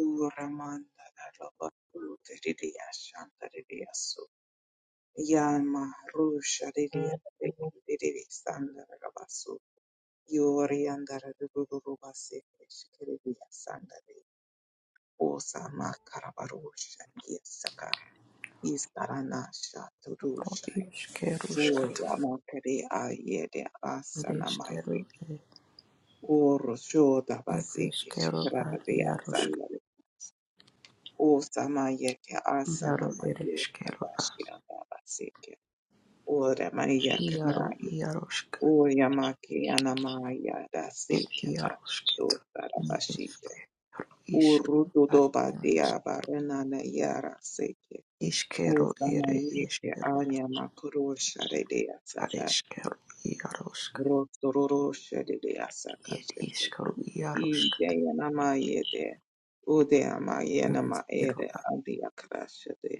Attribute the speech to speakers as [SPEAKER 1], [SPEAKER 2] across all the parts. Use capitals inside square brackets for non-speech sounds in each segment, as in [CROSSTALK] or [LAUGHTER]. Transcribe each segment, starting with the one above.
[SPEAKER 1] Luramanda Rabaku Didia Shantariasu Yama Rusha Didia Didi Sandra Rabasu Yori Andara Rubasi Shikiridia Sandari Osa Makarabarusha Yisaka Istaranasha Turusha
[SPEAKER 2] Iškeruškat,
[SPEAKER 1] Yama Kari Ayede Asanamaye
[SPEAKER 2] ereškeru,
[SPEAKER 1] Oro Shoda Basiki
[SPEAKER 2] ereškeru, ar
[SPEAKER 1] Shikaradia
[SPEAKER 2] iarušk,
[SPEAKER 1] O samayeke asana
[SPEAKER 2] iaru,
[SPEAKER 1] mayo
[SPEAKER 2] ereškeru, ar
[SPEAKER 1] adashya dabasike. Ora Maria
[SPEAKER 2] iaru,
[SPEAKER 1] kanayo.
[SPEAKER 2] iaruška,
[SPEAKER 1] O yamake anamaya
[SPEAKER 2] et
[SPEAKER 1] dasike
[SPEAKER 2] iarušket,
[SPEAKER 1] ashto
[SPEAKER 2] ni
[SPEAKER 1] darabashite.
[SPEAKER 2] iškeru,
[SPEAKER 1] O
[SPEAKER 2] iškeru,
[SPEAKER 1] ruto
[SPEAKER 2] ar
[SPEAKER 1] doba
[SPEAKER 2] iarušk,
[SPEAKER 1] diaba renana yara seke. O
[SPEAKER 2] iškeru, ere,
[SPEAKER 1] samayeke
[SPEAKER 2] eškeru,
[SPEAKER 1] anya makurosha de
[SPEAKER 2] ar
[SPEAKER 1] asata.
[SPEAKER 2] eškeru, iarušk,
[SPEAKER 1] Rotororosha de
[SPEAKER 2] et
[SPEAKER 1] asakashete.
[SPEAKER 2] iškeru,
[SPEAKER 1] I
[SPEAKER 2] iaruškat,
[SPEAKER 1] de yanamaye de. O de amaye
[SPEAKER 2] ereškeru,
[SPEAKER 1] namaere
[SPEAKER 2] ar
[SPEAKER 1] adiakrashete.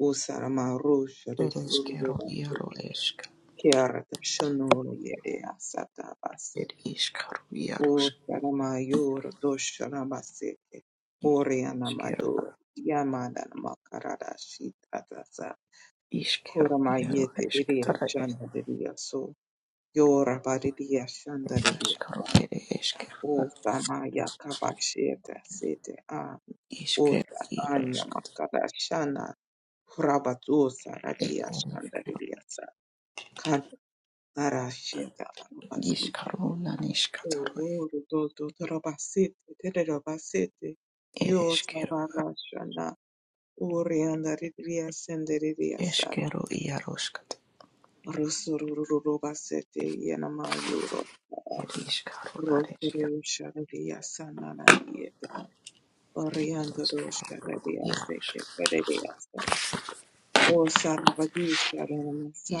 [SPEAKER 1] Usaramarusha
[SPEAKER 2] ereškeru,
[SPEAKER 1] ririrurubafu
[SPEAKER 2] iaru, ešk,
[SPEAKER 1] kiarata shonuru yere asata
[SPEAKER 2] et
[SPEAKER 1] baseke.
[SPEAKER 2] iškeru,
[SPEAKER 1] O Sarama yor doshara baseke. Oriana
[SPEAKER 2] iarušk,
[SPEAKER 1] madur yamada makarara shitatasa.
[SPEAKER 2] Iskero iaro
[SPEAKER 1] Kuramayete riria
[SPEAKER 2] esketara ere
[SPEAKER 1] shanda riria so. Yora bariria shanda riria
[SPEAKER 2] iskaro
[SPEAKER 1] sa.
[SPEAKER 2] ere eskero
[SPEAKER 1] Usamaya kabashete sete a.
[SPEAKER 2] iskero
[SPEAKER 1] Usa anya
[SPEAKER 2] iarosko
[SPEAKER 1] makarashana. Rabatusa radia
[SPEAKER 2] ere
[SPEAKER 1] shanda
[SPEAKER 2] iskero
[SPEAKER 1] Kantarashia Tarabasite,
[SPEAKER 2] iskaro lan iskataro
[SPEAKER 1] Uru Dodo Tarabasite, Terabasite,
[SPEAKER 2] ere
[SPEAKER 1] Yo
[SPEAKER 2] eskero
[SPEAKER 1] Savarashana, Urianda Ria Senderiasa,
[SPEAKER 2] eskero iaroskat
[SPEAKER 1] Rusurubasete, Yanama Yuro,
[SPEAKER 2] ere iskaro lan eskero
[SPEAKER 1] Rosuru Shadaria Sanana Yet,
[SPEAKER 2] ere
[SPEAKER 1] Oriando
[SPEAKER 2] eskero
[SPEAKER 1] Shadaria
[SPEAKER 2] iarosk
[SPEAKER 1] Seke, Terediasa, O Sarvadisha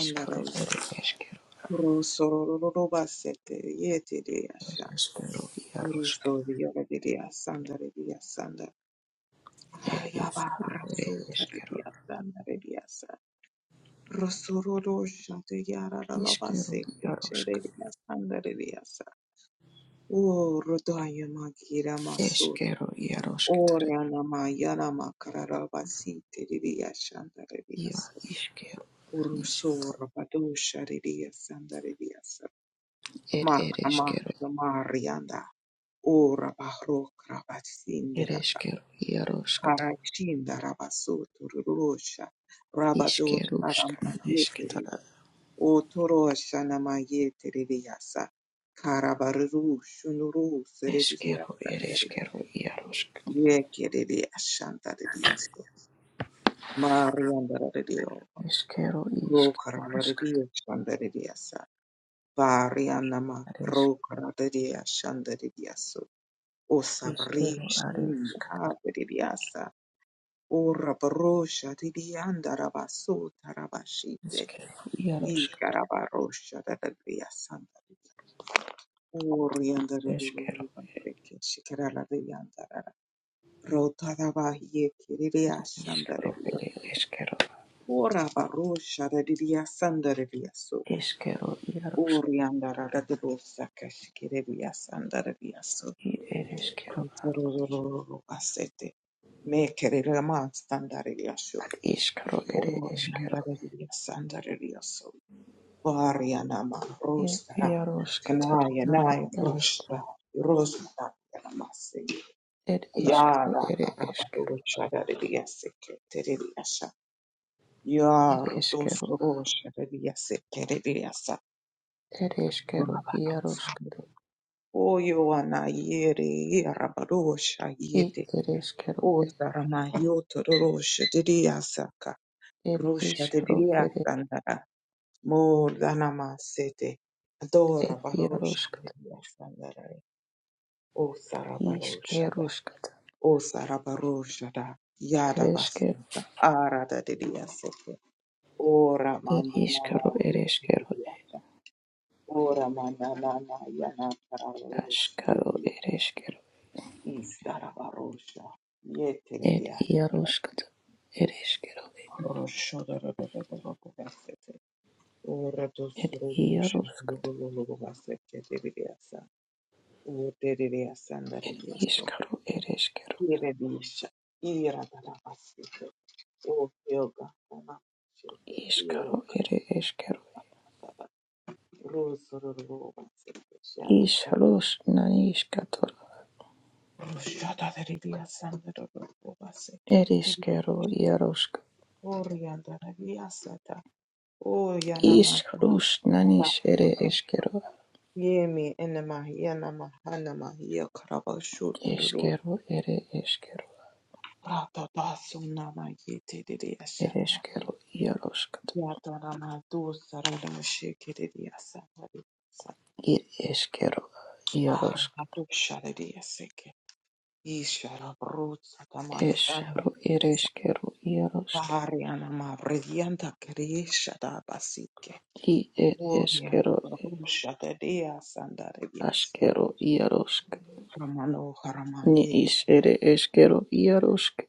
[SPEAKER 2] iskaro ere eskero
[SPEAKER 1] Rusurubasete, Yetidiasha.
[SPEAKER 2] ere eskero iarosk
[SPEAKER 1] Rusto Viola Sanda Revia Sanda.
[SPEAKER 2] ere
[SPEAKER 1] Ayaba
[SPEAKER 2] iskaro ere
[SPEAKER 1] Rasu
[SPEAKER 2] eskero
[SPEAKER 1] Tarabia Sanda Revia Sanda. Rosororo Shate Yara
[SPEAKER 2] iskero
[SPEAKER 1] Lavase
[SPEAKER 2] iarosk
[SPEAKER 1] Echereria Sanda Revia Sanda. O Rodaya Magira Masur.
[SPEAKER 2] eskero iarosketara
[SPEAKER 1] Ora Nama Yana makara Makarabasi Terevia Sanda Revia
[SPEAKER 2] ia
[SPEAKER 1] Sanda.
[SPEAKER 2] iskero niskataro
[SPEAKER 1] Urusor Badosha Revia Sanda Revia Sanda.
[SPEAKER 2] ere
[SPEAKER 1] Makamah
[SPEAKER 2] eskero
[SPEAKER 1] Marianda. Ora Bahro Krabat
[SPEAKER 2] Ereshkigal, Yaroshkata,
[SPEAKER 1] Karakshinda Rabasoto Rurosha Rabadosha
[SPEAKER 2] Ishkerushkana,
[SPEAKER 1] Ramayetiri
[SPEAKER 2] Eshketara,
[SPEAKER 1] Otorosha Namayetiri Yasa Karabaruru Shunuru
[SPEAKER 2] Eshkero,
[SPEAKER 1] Serediasa
[SPEAKER 2] Ereshkero, Yaroshk,
[SPEAKER 1] Yekiri Ashanta Diaso Marianda Radio
[SPEAKER 2] Eshkero, Ishkerushkata,
[SPEAKER 1] Rokaravaria Shandariasa Varianama
[SPEAKER 2] Aresh,
[SPEAKER 1] Rokaradia Shandariaso Osabri
[SPEAKER 2] Ishkero,
[SPEAKER 1] Shia
[SPEAKER 2] Areshkatara,
[SPEAKER 1] Veridiasa Ora barosha dilianda rabaso tarabashite.
[SPEAKER 2] Ishkero, Yaroshkata,
[SPEAKER 1] Ika rabarosha da da via santa. Orianda
[SPEAKER 2] Eshkero,
[SPEAKER 1] rurururuma peke shikarala dilianda rara. Rota da bahie
[SPEAKER 2] Ishkero, Ere,
[SPEAKER 1] revioso.
[SPEAKER 2] Eshkero,
[SPEAKER 1] Ora barosha da dilia sanda revioso.
[SPEAKER 2] Eshkero, Yaroshk,
[SPEAKER 1] Orianda rara de bosa sanda revioso.
[SPEAKER 2] I- Ereshkero, A-
[SPEAKER 1] Rururururuma sete. Me kirira ma standare riasho.
[SPEAKER 2] Ad Ishkero, Ere,
[SPEAKER 1] Orianda
[SPEAKER 2] Eshkero,
[SPEAKER 1] revioso. Varianama
[SPEAKER 2] I-
[SPEAKER 1] Rostara
[SPEAKER 2] Yaroshkatara,
[SPEAKER 1] Kanaya
[SPEAKER 2] Na,
[SPEAKER 1] Nai
[SPEAKER 2] Yaroshk,
[SPEAKER 1] Roshra Rosmata Yaramasi
[SPEAKER 2] Ed Ishkero,
[SPEAKER 1] Yara
[SPEAKER 2] Ere, Eshkero,
[SPEAKER 1] Arabado Shadariasi Teriasa Yar
[SPEAKER 2] Ereshkero,
[SPEAKER 1] Dosro Shadariasi Teriasa
[SPEAKER 2] Ereshkero, Yaroshk,
[SPEAKER 1] Gunabaram Oyo Anayeri Arabadosha
[SPEAKER 2] It
[SPEAKER 1] Yeti
[SPEAKER 2] ereshkero
[SPEAKER 1] Ostarama Yoto Rosha Diriasaka
[SPEAKER 2] et
[SPEAKER 1] Rosha
[SPEAKER 2] ishkero eresh
[SPEAKER 1] Diriasandara Mordanamasete. Adora
[SPEAKER 2] et
[SPEAKER 1] Barosha
[SPEAKER 2] yaroshkat
[SPEAKER 1] Sandarai. O Sarabarosha.
[SPEAKER 2] ishkerushkat
[SPEAKER 1] O Sarabarosha. Yada
[SPEAKER 2] ereshkero
[SPEAKER 1] Basanta. Arada Didia Sete. Ora
[SPEAKER 2] et
[SPEAKER 1] Manana
[SPEAKER 2] ishkero ereshkero et
[SPEAKER 1] Yedidiasha. Ora Manana Yana Tararosha.
[SPEAKER 2] ashkaro ereshkero
[SPEAKER 1] Istarabarosha.
[SPEAKER 2] et
[SPEAKER 1] Yetidiasha.
[SPEAKER 2] yaroshkat ereshkero
[SPEAKER 1] Rosho da da da da da da da Ora
[SPEAKER 2] et
[SPEAKER 1] Dosurosha.
[SPEAKER 2] yaroshkat
[SPEAKER 1] Uterere asandare Dios.
[SPEAKER 2] ishkaro ereshkero
[SPEAKER 1] Quiere dicha. Ira para pasito. O yoga. Ona.
[SPEAKER 2] ishkaro
[SPEAKER 1] Yoga.
[SPEAKER 2] ereshkero
[SPEAKER 1] Ruso roba se shara.
[SPEAKER 2] ishrosh nanishkator
[SPEAKER 1] Rushada de Dios sandare roba se que tiri.
[SPEAKER 2] ereshkero yaroshk
[SPEAKER 1] Orianda de Dios ata. O yana mata.
[SPEAKER 2] ishrosh nanish ereshkero
[SPEAKER 1] Yemi enema yana mahana mahia karabashuturu.
[SPEAKER 2] eshkero ereshkero
[SPEAKER 1] Rata basu nama yete de
[SPEAKER 2] ir
[SPEAKER 1] Dios
[SPEAKER 2] eškero iaroškat,
[SPEAKER 1] Yataramadu Saradamushikiriya Satarisa
[SPEAKER 2] ir eškero iarošk,
[SPEAKER 1] Ahratu Shariya Siki Ishara Brutsa Tamansana
[SPEAKER 2] ešro ir eškero
[SPEAKER 1] Variana Mavridianta Kirisha Dabasike
[SPEAKER 2] i ir
[SPEAKER 1] Orian
[SPEAKER 2] eškero
[SPEAKER 1] Barusha Dedia Sandarias
[SPEAKER 2] aškero iarošk,
[SPEAKER 1] Ramano
[SPEAKER 2] ni
[SPEAKER 1] Haramaye
[SPEAKER 2] is ir eškero iarošk,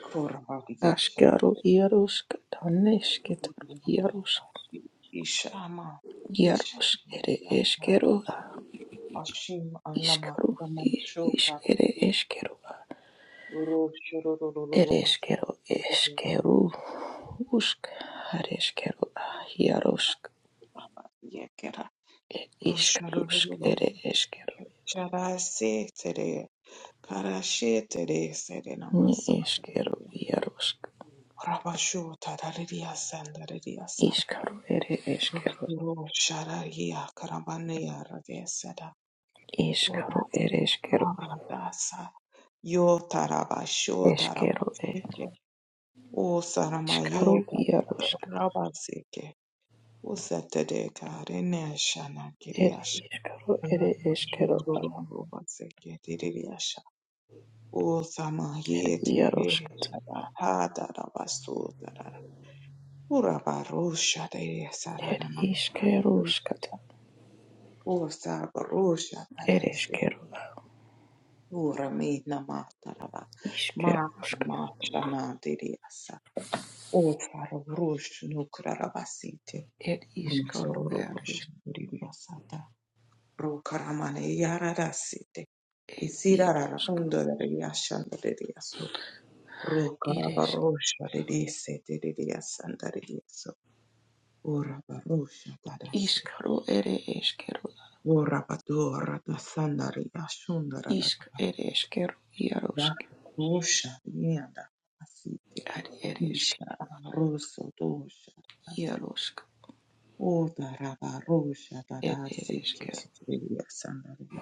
[SPEAKER 1] Kurabadiasa
[SPEAKER 2] aškero iarošk, tanešket iarošk,
[SPEAKER 1] Yandarabasi Ishama
[SPEAKER 2] iarošk
[SPEAKER 1] Ishama
[SPEAKER 2] ir
[SPEAKER 1] Yata
[SPEAKER 2] eškero,
[SPEAKER 1] Ashim Anama
[SPEAKER 2] iskaro
[SPEAKER 1] Ramasho
[SPEAKER 2] is ir eškero,
[SPEAKER 1] Ro-
[SPEAKER 2] ir
[SPEAKER 1] shororororobas-
[SPEAKER 2] eškero eškero, usk, ar
[SPEAKER 1] Yekera
[SPEAKER 2] Ishkarusk ere eskero.
[SPEAKER 1] rusharurururubasike charashetere karashetere sere
[SPEAKER 2] Ni
[SPEAKER 1] namasu
[SPEAKER 2] eskero iarusk.
[SPEAKER 1] rabashota rariya sandariya sa
[SPEAKER 2] Iskaru ere eskero.
[SPEAKER 1] ruru sharariya karabaneya radesera
[SPEAKER 2] iskaru
[SPEAKER 1] urati
[SPEAKER 2] ere eskero.
[SPEAKER 1] aradasa yota rabashota
[SPEAKER 2] Eskero e.
[SPEAKER 1] rabasike o sarama
[SPEAKER 2] iskaru
[SPEAKER 1] yota
[SPEAKER 2] iarusk.
[SPEAKER 1] O Usatade karene shana
[SPEAKER 2] Ere
[SPEAKER 1] kiriasha.
[SPEAKER 2] ishkaru ere eskero.
[SPEAKER 1] Ushurububaksekiririasha.
[SPEAKER 2] Ere
[SPEAKER 1] Usamahiete
[SPEAKER 2] iaruskat.
[SPEAKER 1] shada hadara basudara. Urabarusha de
[SPEAKER 2] Ere
[SPEAKER 1] sarana
[SPEAKER 2] iskeruskat.
[SPEAKER 1] O Usabarusha
[SPEAKER 2] Ere
[SPEAKER 1] kadesi.
[SPEAKER 2] eskero.
[SPEAKER 1] Uramina mataraba.
[SPEAKER 2] Iskeruskat.
[SPEAKER 1] Makama shana diriasa. Usarurush nukrarabasite.
[SPEAKER 2] Ere iskaru ere
[SPEAKER 1] Usururubusha ro karamane yararasite de
[SPEAKER 2] iarusk.
[SPEAKER 1] ondorere de yaso ro
[SPEAKER 2] Ere
[SPEAKER 1] karabarosha ridisete ridiyasandare yaso ora barosha darasite
[SPEAKER 2] Iskaru ere eskero.
[SPEAKER 1] ora badora dasandare yashundara va
[SPEAKER 2] Isk ere eskero iarusk.
[SPEAKER 1] barosha nianda asite
[SPEAKER 2] Ere ere eskero.
[SPEAKER 1] isha roso dosha asite
[SPEAKER 2] Yarosk
[SPEAKER 1] ora rabarosha
[SPEAKER 2] Ed
[SPEAKER 1] darasite
[SPEAKER 2] ereskero,
[SPEAKER 1] ridiyasandare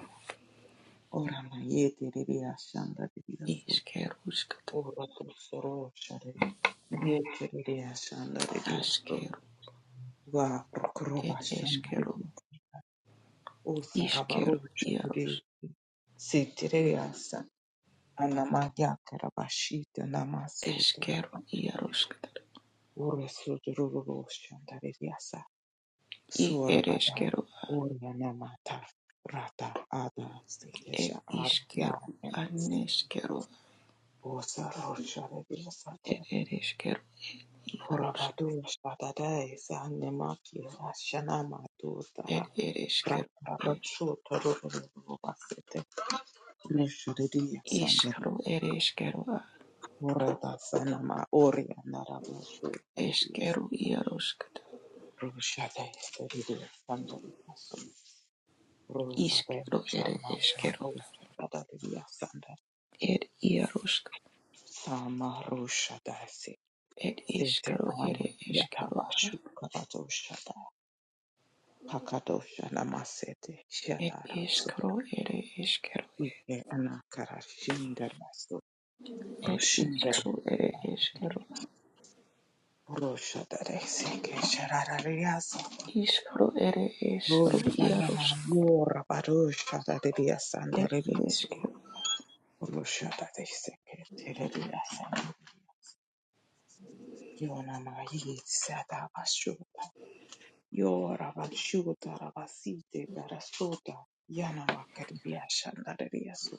[SPEAKER 1] Ora ma yete de ashanda
[SPEAKER 2] iskeruskat,
[SPEAKER 1] Orotosoro shari yekerere ashandare diyosto
[SPEAKER 2] askero,
[SPEAKER 1] va prokroba
[SPEAKER 2] ed
[SPEAKER 1] ashandare
[SPEAKER 2] eskero,
[SPEAKER 1] diyosto o sarabaro
[SPEAKER 2] iskero,
[SPEAKER 1] shari
[SPEAKER 2] iaros,
[SPEAKER 1] setere asa anamaya karabashita namasutara
[SPEAKER 2] eskero, iaroskat,
[SPEAKER 1] orosodororo shandare diyasa
[SPEAKER 2] i
[SPEAKER 1] suorababa
[SPEAKER 2] ereskero,
[SPEAKER 1] orya namata rata ada sekesha
[SPEAKER 2] ed
[SPEAKER 1] arya
[SPEAKER 2] iskero,
[SPEAKER 1] emse
[SPEAKER 2] aneskero,
[SPEAKER 1] o saror shari diyasa
[SPEAKER 2] ed ereskero, ed iaros,
[SPEAKER 1] Horabadu shadadai Sanemaki Ashanama Du Dara
[SPEAKER 2] ed ereskero, ed
[SPEAKER 1] Raparabakshu Taru Vasete Nishridiya Sandari
[SPEAKER 2] iskero, ereskero,
[SPEAKER 1] Murada Sanama Oria Narabushu Tariyas
[SPEAKER 2] eskero, iaroskat,
[SPEAKER 1] Rushade Teridiya Sandari Rosade
[SPEAKER 2] iskero, ere
[SPEAKER 1] Sharma
[SPEAKER 2] eskero,
[SPEAKER 1] Maru Shadadariya Sandar
[SPEAKER 2] ed iarosk,
[SPEAKER 1] Sama Rushadasi
[SPEAKER 2] ed
[SPEAKER 1] Sete
[SPEAKER 2] iskero,
[SPEAKER 1] Ama
[SPEAKER 2] ere eskero,
[SPEAKER 1] Yatabashu Karado Shada Pakado Shanamasete
[SPEAKER 2] ed iskero, ere eskero,
[SPEAKER 1] Ike anakara shindar basto
[SPEAKER 2] Et
[SPEAKER 1] roshindar
[SPEAKER 2] iskru ere eskero.
[SPEAKER 1] rosha dare seke shararariaso
[SPEAKER 2] Iskru ere esru
[SPEAKER 1] rosha nana
[SPEAKER 2] iarosk.
[SPEAKER 1] yora barosha dare
[SPEAKER 2] Et
[SPEAKER 1] sandare
[SPEAKER 2] ed
[SPEAKER 1] riaso rosha dare seke tereriaso yona mai sada bashuta yora bashuta rabasite garasota yana makarbia shandare riaso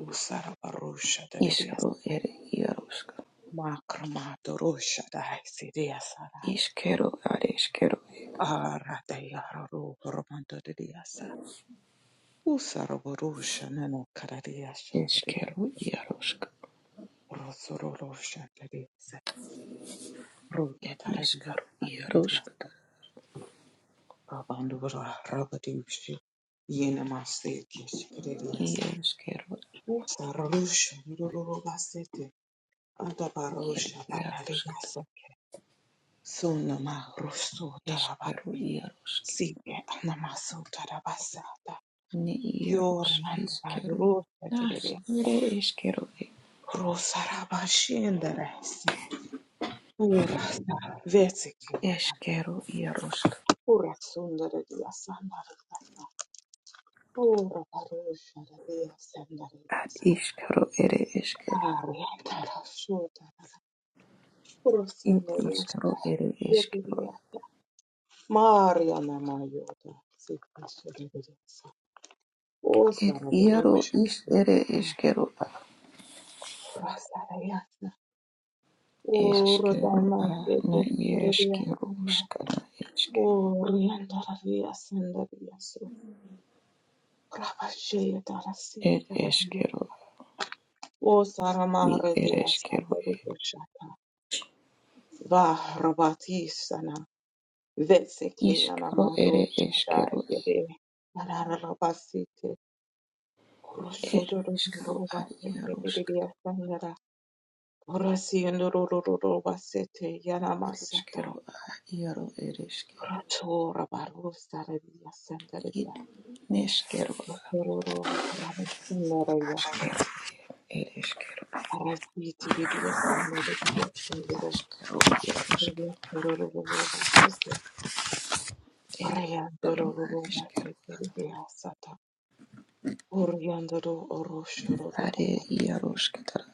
[SPEAKER 1] usara barosha dare riaso
[SPEAKER 2] Iskru ere iarosk.
[SPEAKER 1] makramato rosha dare riasa
[SPEAKER 2] Iskero are eskero.
[SPEAKER 1] Aratayaro Romanto de Diasa, Usaroborusha Nano Caradiasha,
[SPEAKER 2] Eskero iarosk.
[SPEAKER 1] Rosorosha de Diasa, Ruta
[SPEAKER 2] Et
[SPEAKER 1] Taradia,
[SPEAKER 2] iskru
[SPEAKER 1] and
[SPEAKER 2] iarosk.
[SPEAKER 1] Diasa, Rabandura, Rabadiushi, Yenamaseti,
[SPEAKER 2] I
[SPEAKER 1] Shikadiasa,
[SPEAKER 2] eskero.
[SPEAKER 1] Usarosha, Rurubaseti,
[SPEAKER 2] Et
[SPEAKER 1] Adabarosha,
[SPEAKER 2] iarosk.
[SPEAKER 1] Radiasa, Sunama, Russo
[SPEAKER 2] Eskero
[SPEAKER 1] Tarabati,
[SPEAKER 2] iarosk.
[SPEAKER 1] Sike, Anamaso Tarabasata,
[SPEAKER 2] Ne iaros
[SPEAKER 1] Yoran,
[SPEAKER 2] iskero. Nas
[SPEAKER 1] Rusa
[SPEAKER 2] ere eskero.
[SPEAKER 1] Rosarabashendarasi, urasa vetsikiyana,
[SPEAKER 2] Eskero iarosk.
[SPEAKER 1] urasundaradiasandaradasa,
[SPEAKER 2] Ad
[SPEAKER 1] urabarusharadiasandaradasa,
[SPEAKER 2] iskru ere eskero.
[SPEAKER 1] ariandarashudarada,
[SPEAKER 2] It
[SPEAKER 1] urasandarusta,
[SPEAKER 2] iskru ere eskero.
[SPEAKER 1] yekiriyata, marianamayuda, sikashiradiasa,
[SPEAKER 2] El hierro
[SPEAKER 1] osaravarusha,
[SPEAKER 2] is ere eskero a.
[SPEAKER 1] urasarayasa,
[SPEAKER 2] Eskero a na ieskero
[SPEAKER 1] urudamasikekerediasanda,
[SPEAKER 2] uskana eske.
[SPEAKER 1] Oh, Riandaria Sandaria so Rabashea Darasi
[SPEAKER 2] El
[SPEAKER 1] Karadia.
[SPEAKER 2] eskero
[SPEAKER 1] O
[SPEAKER 2] i
[SPEAKER 1] Saramare
[SPEAKER 2] ere
[SPEAKER 1] dea
[SPEAKER 2] eskero e.
[SPEAKER 1] Sandaria Shata. Va Rabatisana. Veseke
[SPEAKER 2] Iskero ere
[SPEAKER 1] Anamado Shada
[SPEAKER 2] eskero e.
[SPEAKER 1] Yede. Ararabasite.
[SPEAKER 2] El
[SPEAKER 1] Kuroshodoro
[SPEAKER 2] iskero a
[SPEAKER 1] Roba
[SPEAKER 2] hierro uskana.
[SPEAKER 1] Pedia Sandara. Orasi and Roroba Sete
[SPEAKER 2] El
[SPEAKER 1] Yanamasata.
[SPEAKER 2] eskero a hierro ere eske.
[SPEAKER 1] Rato Rabaru Saradia Sandaria.
[SPEAKER 2] Id neskero a.
[SPEAKER 1] Rotoro Rabasandararia
[SPEAKER 2] Askero ere eskero.
[SPEAKER 1] Arresti vidia andaria andoro
[SPEAKER 2] Askero hierro
[SPEAKER 1] doria
[SPEAKER 2] uskana.
[SPEAKER 1] dororo basete
[SPEAKER 2] El
[SPEAKER 1] area
[SPEAKER 2] eskero a
[SPEAKER 1] dororo
[SPEAKER 2] eskero.
[SPEAKER 1] basete ria sata oriandoro oro shororo
[SPEAKER 2] Are hierro
[SPEAKER 1] basete
[SPEAKER 2] uskana.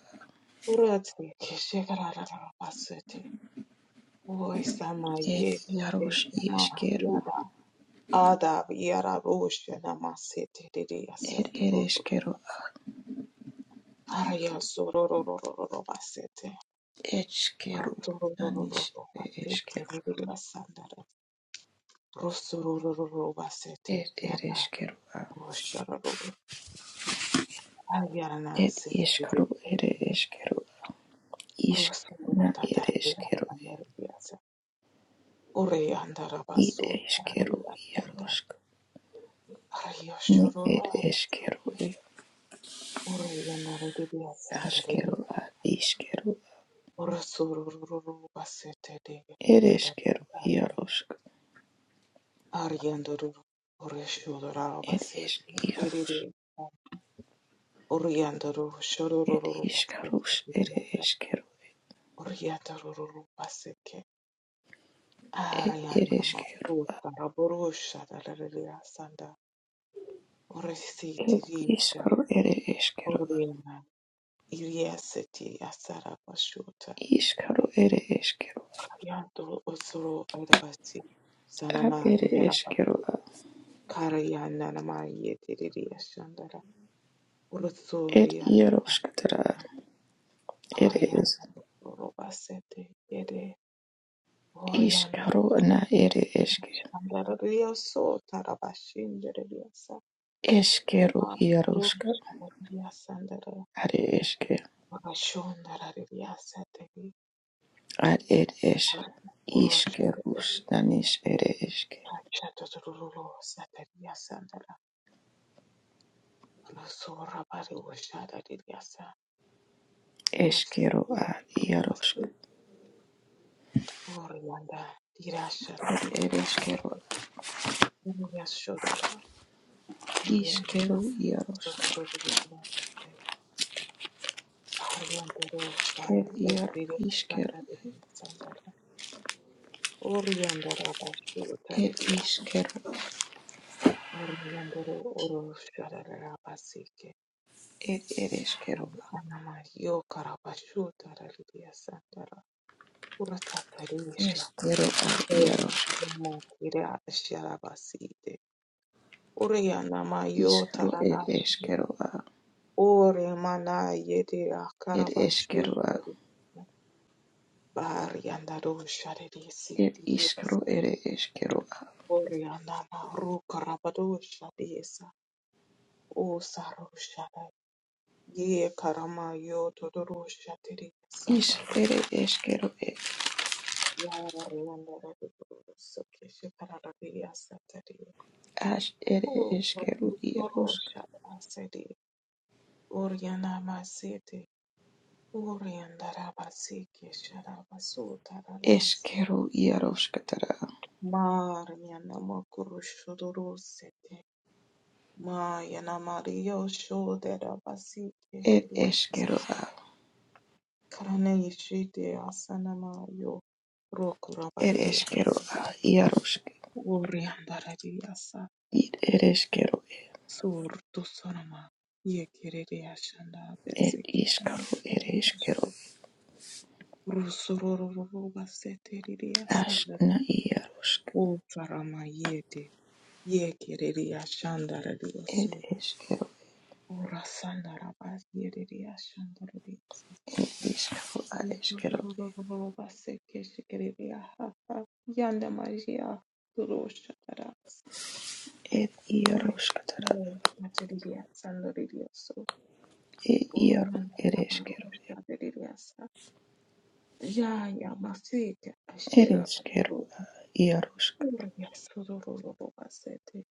[SPEAKER 1] urati keshekara basete oisama
[SPEAKER 2] El
[SPEAKER 1] ye
[SPEAKER 2] hierro
[SPEAKER 1] esama
[SPEAKER 2] ieskero
[SPEAKER 1] yada ada yara roshe namasete ria
[SPEAKER 2] Ed
[SPEAKER 1] satoro
[SPEAKER 2] ereshkigal
[SPEAKER 1] area sororo basete
[SPEAKER 2] eshkigal
[SPEAKER 1] Ratororo
[SPEAKER 2] danish
[SPEAKER 1] basete
[SPEAKER 2] ereshkigal
[SPEAKER 1] ria sandara Rosorororobasete
[SPEAKER 2] ed
[SPEAKER 1] yana
[SPEAKER 2] ereshkigal
[SPEAKER 1] roshararo ayana
[SPEAKER 2] ed
[SPEAKER 1] sete vivi
[SPEAKER 2] ishkigal ed ereshkigal ishk na
[SPEAKER 1] rosorota tarabira
[SPEAKER 2] ereshkigal
[SPEAKER 1] andarabiyasa ore
[SPEAKER 2] it
[SPEAKER 1] andarabaso
[SPEAKER 2] ereshkigal
[SPEAKER 1] tarabira andar
[SPEAKER 2] yaroshk ni ed
[SPEAKER 1] ayoshororobasete
[SPEAKER 2] ereshkigal
[SPEAKER 1] ore yana rarabiyasa andarari
[SPEAKER 2] ashkigal ad ishkigal
[SPEAKER 1] rosorororobasete de atara
[SPEAKER 2] ereshkigal yaroshk
[SPEAKER 1] aryandoro ore
[SPEAKER 2] ed ish
[SPEAKER 1] shororobasete
[SPEAKER 2] yarosh
[SPEAKER 1] ore yandoro
[SPEAKER 2] ed ishkarosh ed
[SPEAKER 1] shororobasete
[SPEAKER 2] ereshkigal
[SPEAKER 1] Oriata rororo paseke.
[SPEAKER 2] ed
[SPEAKER 1] Ariana
[SPEAKER 2] ereshkigal
[SPEAKER 1] mahota raborosha dalaria sanda. Oresiti
[SPEAKER 2] ed
[SPEAKER 1] rija.
[SPEAKER 2] ishkigal ed ereshkigal
[SPEAKER 1] Oriana. Iriaseti asara bashota.
[SPEAKER 2] ishkigal ed
[SPEAKER 1] Ariando osoro adabasi.
[SPEAKER 2] Ad
[SPEAKER 1] Sanama
[SPEAKER 2] ere
[SPEAKER 1] yeraba.
[SPEAKER 2] eskero
[SPEAKER 1] Kariana nama yetiriria shandara.
[SPEAKER 2] Ed
[SPEAKER 1] Orosoriana.
[SPEAKER 2] iaroskatara. Ere es.
[SPEAKER 1] Oriana robasete yede. Oriana.
[SPEAKER 2] Iskaro na ere eske.
[SPEAKER 1] Shandara rio so tarabashindere
[SPEAKER 2] Eskero
[SPEAKER 1] Mataro
[SPEAKER 2] iaroska.
[SPEAKER 1] Sharia sandara,
[SPEAKER 2] Are eske.
[SPEAKER 1] Magashon Dararia Satari
[SPEAKER 2] Ad ed es.
[SPEAKER 1] Orosho
[SPEAKER 2] Iskerus nanis ere eske.
[SPEAKER 1] Pachato Rulo Sataria sandara. Rosora Bari Washada Diriasa
[SPEAKER 2] Eskero
[SPEAKER 1] Rosoro
[SPEAKER 2] a iaroska.
[SPEAKER 1] Orianda Dirasha
[SPEAKER 2] Ad
[SPEAKER 1] Dirian
[SPEAKER 2] ere eskero.
[SPEAKER 1] Unia shodora, Makaroshavariyasandere Vakashondarariyasateri
[SPEAKER 2] Iskero
[SPEAKER 1] Uroshavariyasandere Rosoravariyasandere Rosoriyanda Dirashandere Uriyashodora
[SPEAKER 2] iaroska.
[SPEAKER 1] Ariyandasorunduriyasandere
[SPEAKER 2] Ed iar iskero.
[SPEAKER 1] Ariyandaroshavariyasandere
[SPEAKER 2] Ed
[SPEAKER 1] Uriyandaravariyasandere
[SPEAKER 2] iskero.
[SPEAKER 1] Orlando Urusharara Basike
[SPEAKER 2] Ed ere eskero
[SPEAKER 1] Anama Yokara Bashutara Lidia Sandara Uratatarisha
[SPEAKER 2] Eskero a iaroska.
[SPEAKER 1] Yama Kira Sharabasite Uriana Mayota
[SPEAKER 2] Iskero ed
[SPEAKER 1] Arashi
[SPEAKER 2] eskero a.
[SPEAKER 1] Ore Mana Yedi
[SPEAKER 2] Ed eskeroa,
[SPEAKER 1] Akarabashutara Barianda Rusha
[SPEAKER 2] ed
[SPEAKER 1] Sitiria
[SPEAKER 2] iskro ere eskeroa,
[SPEAKER 1] Oriana Rukarabadusha Desa Usarusha Ye karama yo todoro shatiri
[SPEAKER 2] is
[SPEAKER 1] sandara.
[SPEAKER 2] ere eskero ed
[SPEAKER 1] Ya riyandara todoro soke shekarara riya satari.
[SPEAKER 2] as ere
[SPEAKER 1] O
[SPEAKER 2] eskero
[SPEAKER 1] promutoro
[SPEAKER 2] iarosk,
[SPEAKER 1] shara sedi. Oriana masete. Oriandara basike shara basu taralasi.
[SPEAKER 2] eskero iaroskatara,
[SPEAKER 1] Ma riyana mokuru shodoro sete. Ma yana mario shodera basike
[SPEAKER 2] ed
[SPEAKER 1] tiri.
[SPEAKER 2] eskeroa,
[SPEAKER 1] Karane yishite asana ma yo. Rokura
[SPEAKER 2] ed
[SPEAKER 1] bariria.
[SPEAKER 2] eskeroa iarosk,
[SPEAKER 1] Oriandarariasa
[SPEAKER 2] id ere eskero
[SPEAKER 1] surtusorama yekereriashanda
[SPEAKER 2] ed iskro
[SPEAKER 1] vesekerama
[SPEAKER 2] ere eskero as
[SPEAKER 1] rusorororororvaseteririasanda
[SPEAKER 2] na iarosk,
[SPEAKER 1] utsarama yete yekereriashandararioso
[SPEAKER 2] ed eskero
[SPEAKER 1] orasandaravayereriashandarariasa
[SPEAKER 2] ed iskro ad eskero
[SPEAKER 1] rusorororororvasekeshekereriahaha yanda maria turoshatarasa
[SPEAKER 2] ed
[SPEAKER 1] ore
[SPEAKER 2] iaroskatara,
[SPEAKER 1] ore mateririasandararioso
[SPEAKER 2] ed iaro
[SPEAKER 1] Urana
[SPEAKER 2] ere eskero,
[SPEAKER 1] kabarusha deririasa. Yaya masike
[SPEAKER 2] ed
[SPEAKER 1] ashira
[SPEAKER 2] eskero
[SPEAKER 1] bakuru.
[SPEAKER 2] iarosk,
[SPEAKER 1] Urya surururu basete.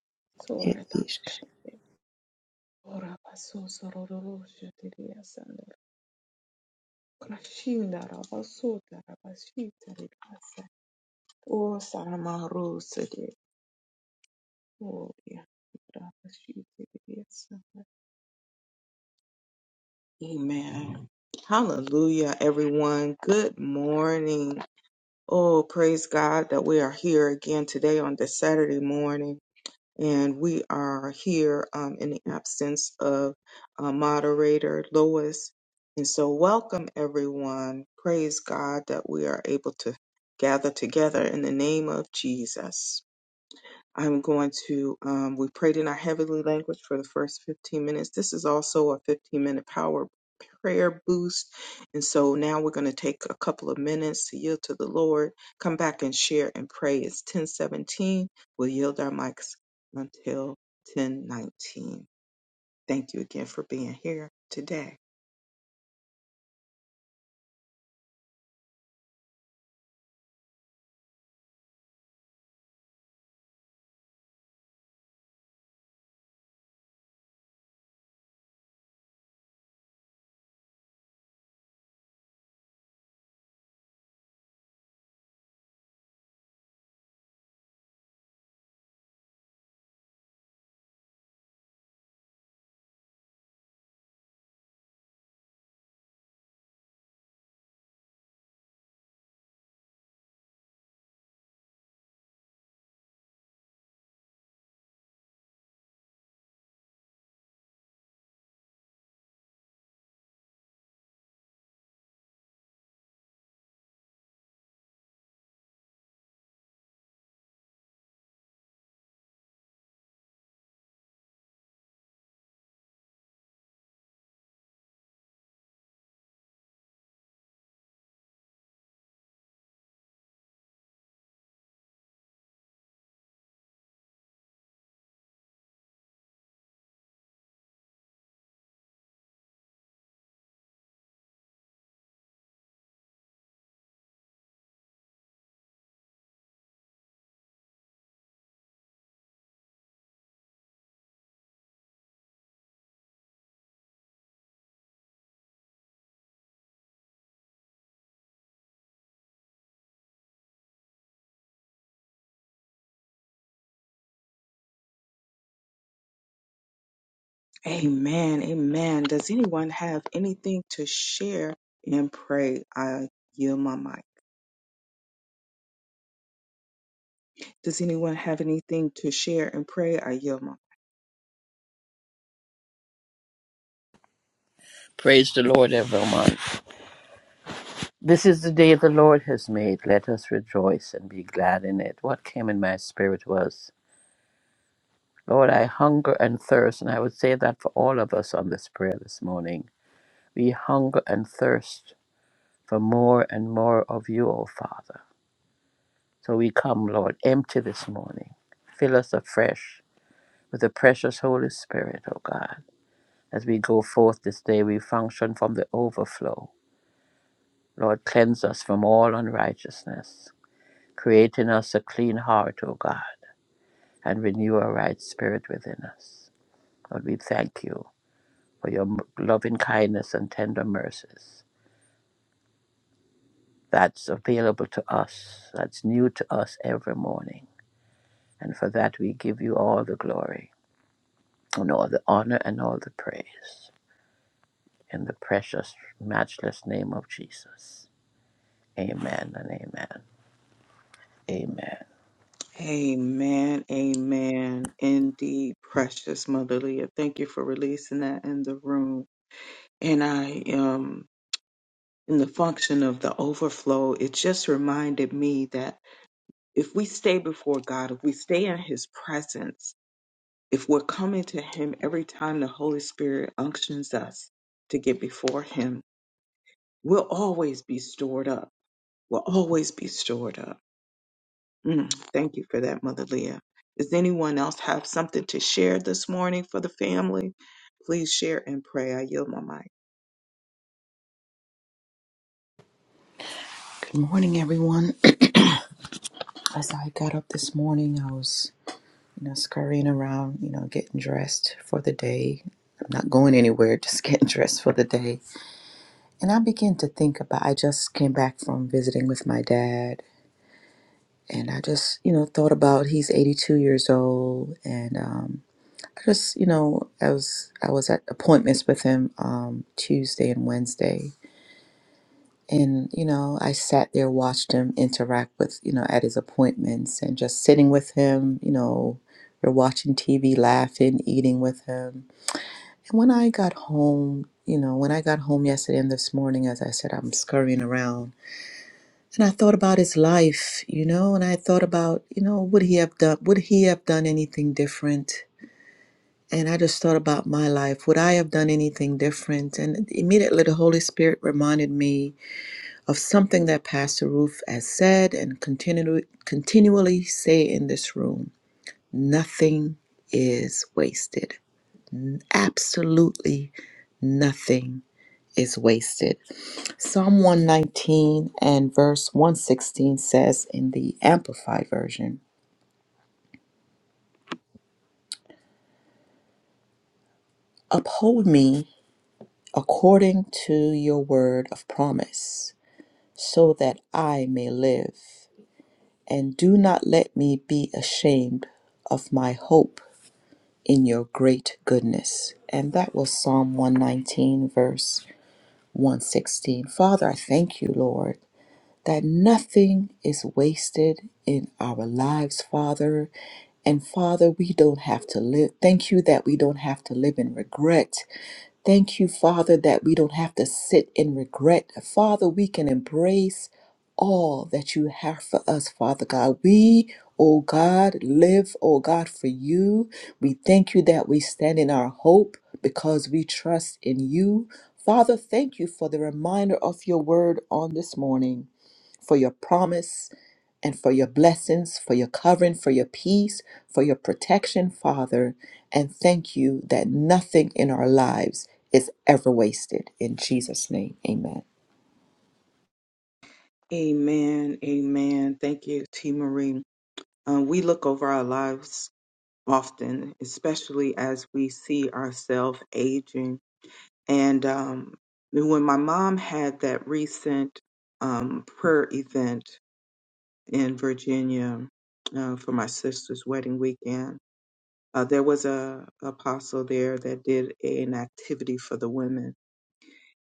[SPEAKER 2] ed
[SPEAKER 1] Soreta
[SPEAKER 2] iskro.
[SPEAKER 1] shete. Ora basu surururu shetiriasa. Krashinda rabasuta rabashita deririasa. O saramaru sede. Oria rabashita deririasa. Amen. Hallelujah, everyone. Good morning. Oh, praise God that we are here again today on this Saturday morning. And we are here um, in the absence of uh, moderator Lois. And so, welcome everyone. Praise God that we are able to gather together in the name of Jesus. I'm going to, um, we prayed in our heavenly language for the first 15 minutes. This is also a 15 minute power prayer boost. And so now we're going to take a couple of minutes to yield to the Lord, come back and share and pray. It's 1017. We'll yield our mics until 1019. Thank you again for being here today. Amen. Amen. Does anyone have anything to share and pray? I yield my mic. Does anyone have anything to share and pray? I yield my.
[SPEAKER 3] Praise the Lord, everyone. This is the day the Lord has made. Let us rejoice and be glad in it. What came in my spirit was, Lord, I hunger and thirst. And I would say that for all of us on this prayer this morning. We hunger and thirst for more and more of you, O Father. So we come, Lord, empty this morning. Fill us afresh with the precious Holy Spirit, O God. As we go forth this day, we function from the overflow. Lord, cleanse us from all unrighteousness. Create in us a clean heart, O God, and renew a right spirit within us. Lord, we thank you for your m- loving kindness and tender mercies that's available to us, that's new to us every morning. And for that, we give you all the glory and all the honor and all the praise in the precious, matchless name of Jesus. Amen and amen. Amen.
[SPEAKER 1] Amen. Amen. Indeed, precious Mother Leah. Thank you for releasing that in the room. And I um in the function of the overflow, it just reminded me that if we stay before God, if we stay in his presence, if we're coming to him every time the Holy Spirit unctions us to get before him, we'll always be stored up. We'll always be stored up Mm, thank you for that, Mother Leah. Does anyone else have something to share this morning for the family? Please share and pray. I yield my mic.
[SPEAKER 2] Good morning, everyone. [CLEARS THROAT] As I got up this morning, I was, you know, scurrying around, you know, getting dressed for the day. I'm not going anywhere, [LAUGHS] just getting dressed for the day. And I began to think about, I just came back from visiting with my dad, and I just, you know, thought about he's 82 years old, and um, I just, you know, I was I was at appointments with him um, Tuesday and Wednesday, And, you know, I sat there, watched him interact with, you know, at his appointments and just sitting with him, you know, we're watching TV, laughing, eating with him. And when I got home, you know, when I got home yesterday and this morning, as I said, I'm scurrying around and I thought about his life, you know, and I thought about, you know, would he have done, would he have done anything different? And I just thought about my life. Would I have done anything different? And immediately the Holy Spirit reminded me of something that Pastor Ruth has said and continu- continually say in this room. Nothing is wasted. Absolutely nothing is wasted. Psalm 119 and verse 116 says in the Amplified Version Uphold me according to your word of promise, so that I may live, and do not let me be ashamed of my hope in your great goodness. And that was Psalm 119, verse 116. Father, I thank you, Lord, that nothing is wasted in our lives, Father. And Father, we don't have to live. Thank you that we don't have to live in regret Thank you, Father, that we don't have to sit in regret. Father, we can embrace all that you have for us, Father God. We, oh God, live, oh God, for you. We thank you that we stand in our hope because we trust in you. Father, thank you for the reminder of your word on this morning, for your promise and for your blessings, for your covering, for your peace, for your protection, Father. And thank you that nothing in our lives is ever wasted. In Jesus' name, amen.
[SPEAKER 1] Amen. Amen. Thank you, T. Marie. Uh, we look over our lives often, especially as we see ourselves aging. And um, when my mom had that recent um, prayer event in Virginia uh, for my sister's wedding weekend, Uh, there was a apostle there that did an activity for the women,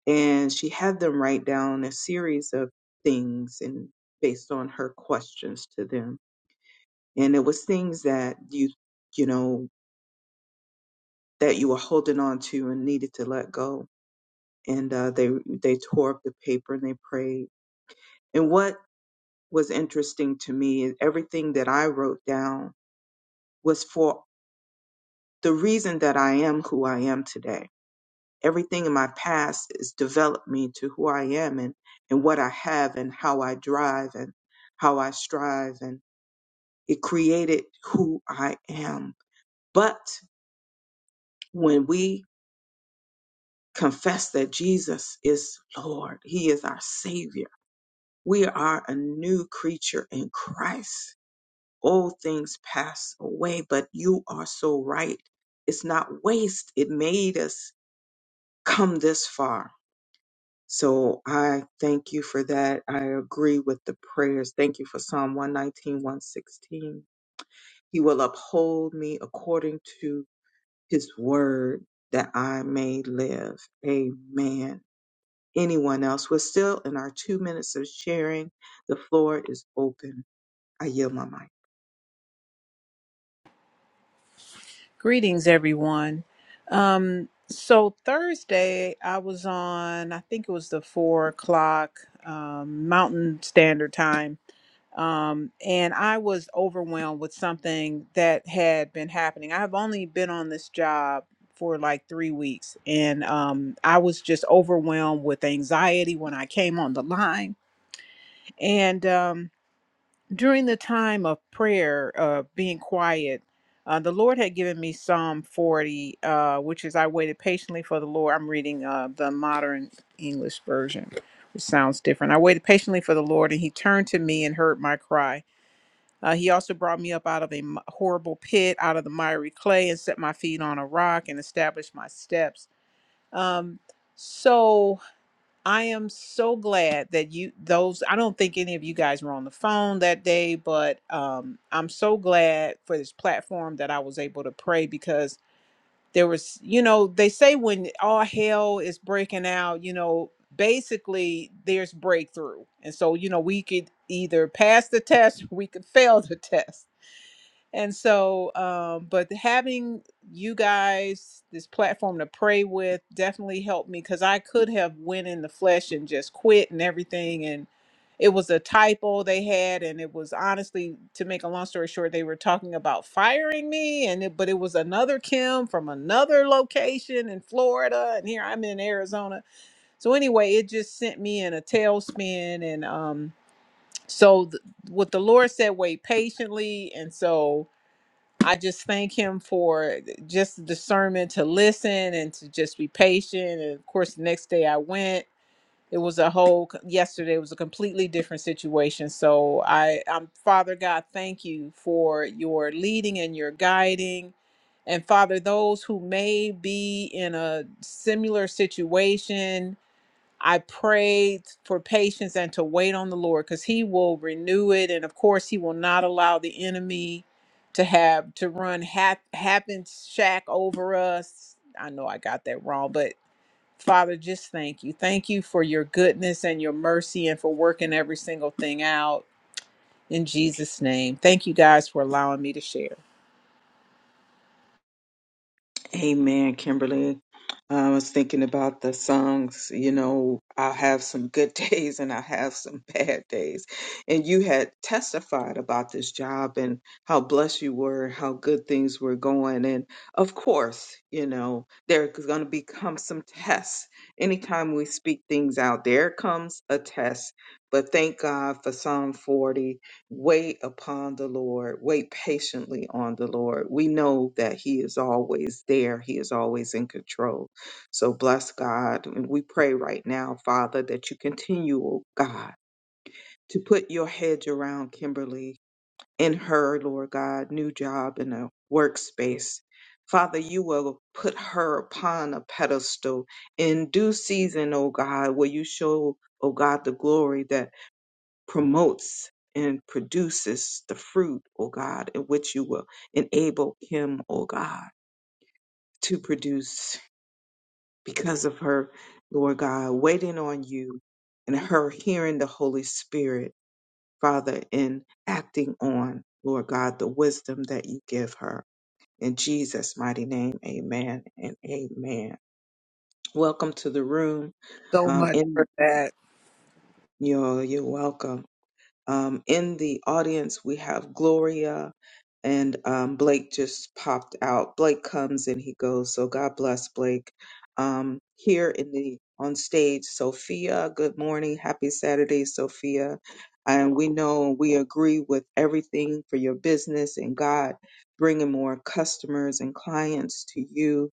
[SPEAKER 1] and she had them write down a series of things and based on her questions to them, and it was things that you you know that you were holding on to and needed to let go, and uh, they they tore up the paper and they prayed. And what was interesting to me is everything that I wrote down was for the reason that I am who I am today everything in my past has developed me to who I am and, and what I have and how I drive and how I strive. And it created who I am. But when we confess that Jesus is Lord, He is our Savior, we are a new creature in Christ. Old things pass away, but you are so right. It's not waste. It made us come this far So I thank you for that. I agree with the prayers. Thank you for Psalm 119, 116. He will uphold me according to his word that I may live. Amen. Anyone else? We're still in our two minutes of sharing. The floor is open. I yield my mic.
[SPEAKER 4] Greetings, everyone. Um, so Thursday, I was on, I think it was the four o'clock um, Mountain Standard Time, um, and I was overwhelmed with something that had been happening. I have only been on this job for like three weeks, and um, I was just overwhelmed with anxiety when I came on the line, and. um, during the time of prayer, uh, being quiet, uh, the Lord had given me Psalm 40, uh, which is I waited patiently for the Lord. I'm reading uh, the modern English version, which sounds different. I waited patiently for the Lord, and he turned to me and heard my cry. Uh, he also brought me up out of a m- horrible pit, out of the miry clay, and set my feet on a rock and established my steps. Um, so, I am so glad that you those I don't think any of you guys were on the phone that day, but um I'm so glad for this platform that I was able to pray because there was you know, they say when all hell is breaking out, you know, basically there's breakthrough. And so, you know, we could either pass the test, [LAUGHS] or we could [LAUGHS] fail the test and so, um, but having you guys this platform to pray with definitely helped me because I could have went in the flesh and just quit and everything. And it was a typo they had, and it was honestly, to make a long story short, they were talking about firing me, and it, but it was another Kim from another location in Florida, and here I'm in Arizona. So anyway, it just sent me in a tailspin, and um, so th- what the Lord said, wait patiently, and so I just thank him for just the discernment to listen and to just be patient. And of course, the next day I went. It was a whole yesterday was a completely different situation. So I, I'm Father God, thank you for your leading and your guiding. And Father, those who may be in a similar situation I prayed for patience and to wait on the Lord because He will renew it. And of course, He will not allow the enemy to have to run hap, happen shack over us. I know I got that wrong, but Father, just thank you. Thank you for your goodness and your mercy and for working every single thing out in Jesus' name. Thank you guys for allowing me to share.
[SPEAKER 1] Amen, Kimberly. I was thinking about the songs, you know, I have some good [LAUGHS] days and I have some bad days. And you had testified about this job and how blessed you were, how good things were going. And of course, you know, there's going to become some tests. Anytime we speak things out, there comes a test. But thank God for Psalm 40 wait upon the Lord, wait patiently on the Lord. We know that He is always there, He is always in control. So bless God. And we pray right now, Father, that you continue, oh God, to put your hedge around Kimberly in her, Lord God, new job in a workspace. Father, you will put her upon a pedestal in due season, oh God, where you show, oh God, the glory that promotes and produces the fruit, O God, in which you will enable him, O God, to produce because of her, Lord God, waiting on you and her hearing the Holy Spirit, Father, and acting on, Lord God, the wisdom that you give her. In Jesus' mighty name, amen and amen. Welcome to the room.
[SPEAKER 4] So
[SPEAKER 1] Um, and
[SPEAKER 4] for that,
[SPEAKER 1] you're, you're welcome. Um, in the audience, we have Gloria and um, Blake just popped out. Blake comes and he goes. So God bless Blake. Um, here in the on stage, Sophia. Good morning, happy Saturday, Sophia. And we know and we agree with everything for your business and God bringing more customers and clients to you.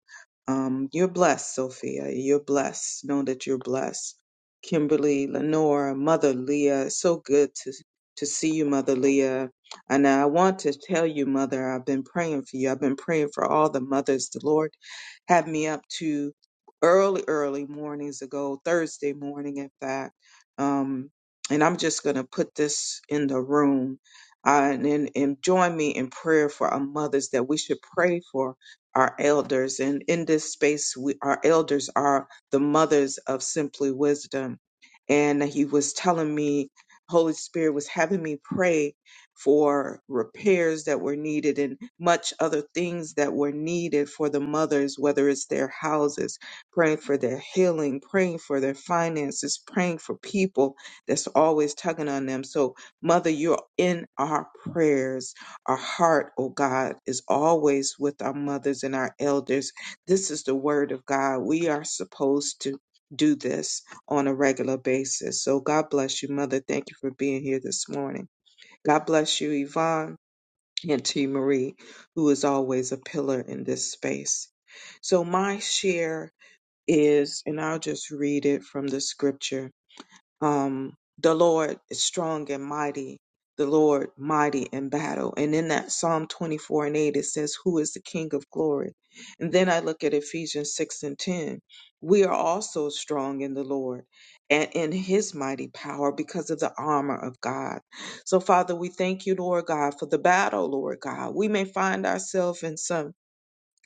[SPEAKER 1] Um, you're blessed, Sophia. You're blessed. Know that you're blessed. Kimberly, Lenora, Mother Leah, it's so good to to see you, Mother Leah. And I want to tell you, Mother, I've been praying for you. I've been praying for all the mothers. The Lord had me up to early, early mornings ago, Thursday morning, in fact. Um, and I'm just going to put this in the room. Uh, and, and and join me in prayer for our mothers that we should pray for our elders. And in this space, we, our elders are the mothers of simply wisdom. And he was telling me Holy Spirit was having me pray for repairs that were needed and much other things that were needed for the mothers, whether it's their houses, praying for their healing, praying for their finances, praying for people that's always tugging on them. So, Mother, you're in our prayers. Our heart, oh God, is always with our mothers and our elders. This is the word of God. We are supposed to do this on a regular basis. So God bless you, Mother. Thank you for being here this morning. God bless you, Yvonne and T. Marie, who is always a pillar in this space. So my share is, and I'll just read it from the scripture um, the Lord is strong and mighty, the Lord mighty in battle. And in that Psalm 24 and 8, it says, Who is the King of glory? And then I look at Ephesians 6 and 10. We are also strong in the Lord and in his mighty power because of the armor of God. So, Father, we thank you, Lord God, for the battle, Lord God. We may find ourselves in some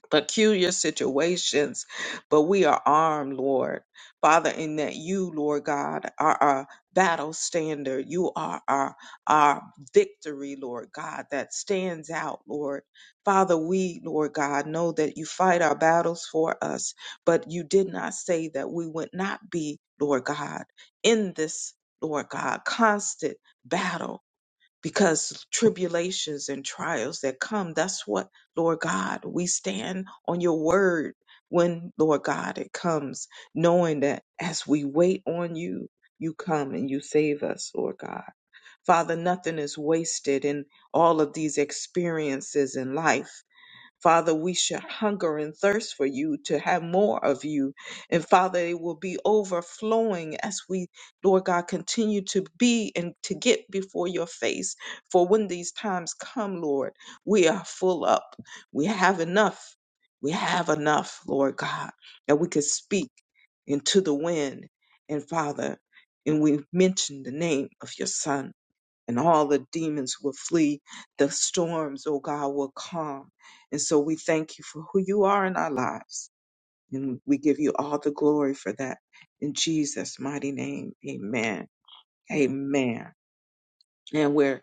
[SPEAKER 1] peculiar situations, but we are armed, Lord. Father, in that you, Lord God, are our battle standard. You are our, our victory, Lord God, that stands out, Lord. Father, we, Lord God, know that you fight our battles for us, but you did not say that we would not be, Lord God, in this, Lord God, constant battle because tribulations and trials that come, that's what, Lord God, we stand on your word when, Lord God, it comes, knowing that as we wait on you, you come and you save us, Lord God. Father, nothing is wasted in all of these experiences in life. Father, we should hunger and thirst for you to have more of you. And Father, it will be overflowing as we, Lord God, continue to be and to get before your face. For when these times come, Lord, we are full up. We have enough. We have enough, Lord God, that we could speak into the wind. And Father, and we mention the name of your Son and all the demons will flee. The storms, oh God, will calm. And so we thank you for who you are in our lives. And we give you all the glory for that. In Jesus' mighty name, amen. Amen. And we're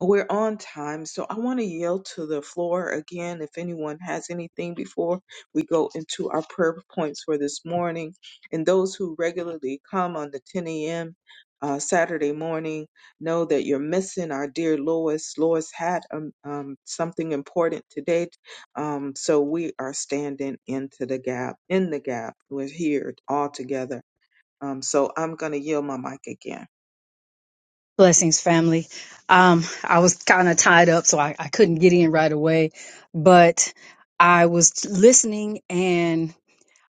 [SPEAKER 1] we're on time, so I want to yield to the floor again. If anyone has anything before we go into our prayer points for this morning, and those who regularly come on the 10 a.m. Uh, Saturday morning, know that you're missing our dear Lois. Lois had um, um, something important today, um, so we are standing into the gap. In the gap, we're here all together. Um, so I'm going to yield my mic again.
[SPEAKER 5] Blessings, family. Um, I was kind of tied up, so I, I couldn't get in right away. But I was listening and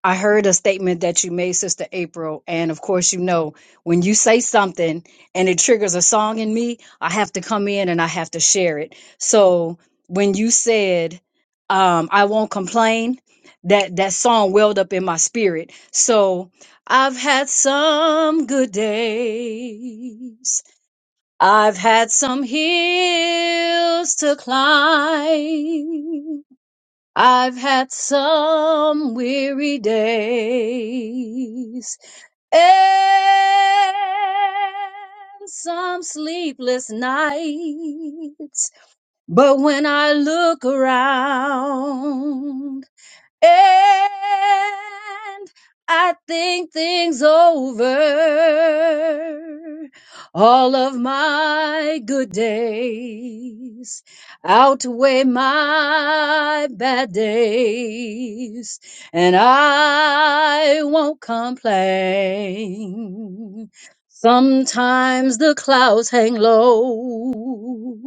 [SPEAKER 5] I heard a statement that you made, Sister April. And of course, you know, when you say something and it triggers a song in me, I have to come in and I have to share it. So when you said, um, I won't complain, that, that song welled up in my spirit. So I've had some good days. I've had some hills to climb. I've had some weary days and some sleepless nights. But when I look around, and I think things over. All of my good days outweigh my bad days, and I won't complain. Sometimes the clouds hang low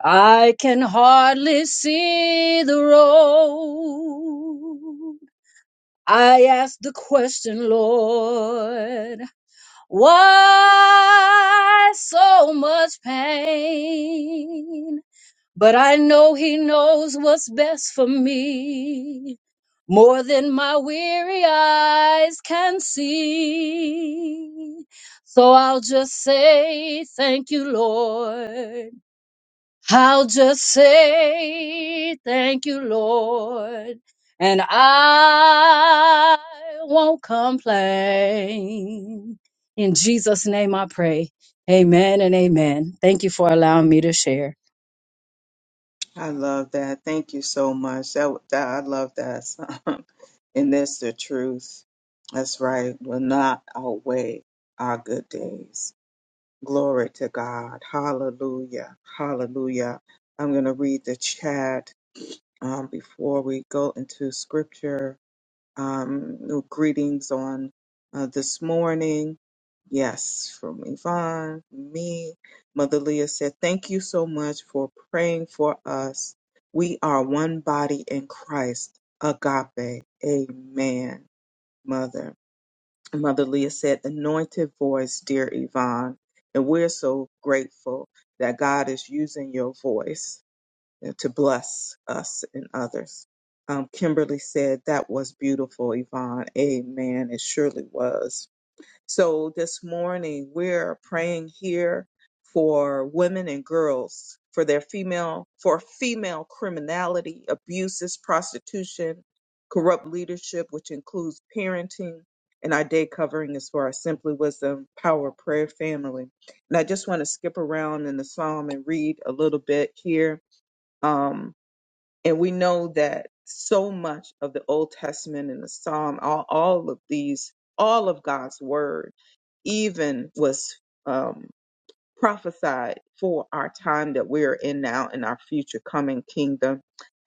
[SPEAKER 5] I can hardly see the road. I ask the question, Lord, why so much pain? But I know He knows what's best for me, more than my weary eyes can see. So I'll just say, Thank you, Lord. I'll just say thank you, Lord, and I won't complain. In Jesus' name I pray. Amen and amen. Thank you for allowing me to share.
[SPEAKER 1] I love that. Thank you so much. That, that I love that song. [LAUGHS] and that's the truth. That's right. Will not outweigh our good days. Glory to God. Hallelujah. Hallelujah. I'm going to read the chat um, before we go into scripture. Um, no greetings on uh, this morning. Yes, from Yvonne, me. Mother Leah said, Thank you so much for praying for us. We are one body in Christ. Agape. Amen, Mother. Mother Leah said, Anointed voice, dear Yvonne. And we're so grateful that God is using your voice you know, to bless us and others. Um, Kimberly said, That was beautiful, Yvonne. Amen. It surely was. So this morning, we're praying here for women and girls for their female, for female criminality, abuses, prostitution, corrupt leadership, which includes parenting. And our day covering is for our Simply Wisdom Power Prayer family. And I just want to skip around in the psalm and read a little bit here. Um, and we know that so much of the Old Testament and the Psalm, all, all of these, all of God's word, even was um, prophesied for our time that we're in now in our future coming kingdom.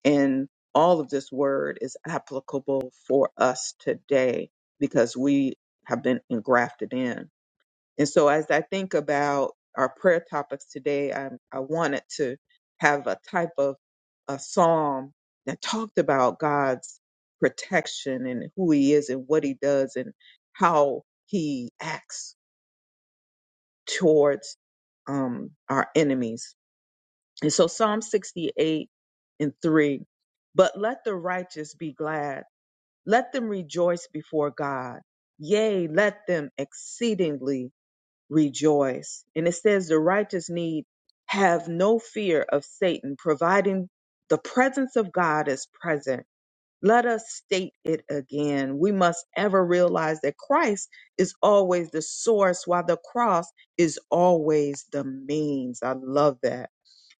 [SPEAKER 1] And all of this word is applicable for us today because we have been engrafted in. And so as I think about our prayer topics today, I, I wanted to have a type of a psalm that talked about God's protection and who he is and what he does and how he acts towards um, our enemies. And so Psalm 68 and 3, but let the righteous be glad. Let them rejoice before God. Yea, let them exceedingly rejoice. And it says the righteous need have no fear of Satan, providing the presence of God is present. Let us state it again. We must ever realize that Christ is always the source, while the cross is always the means. I love that.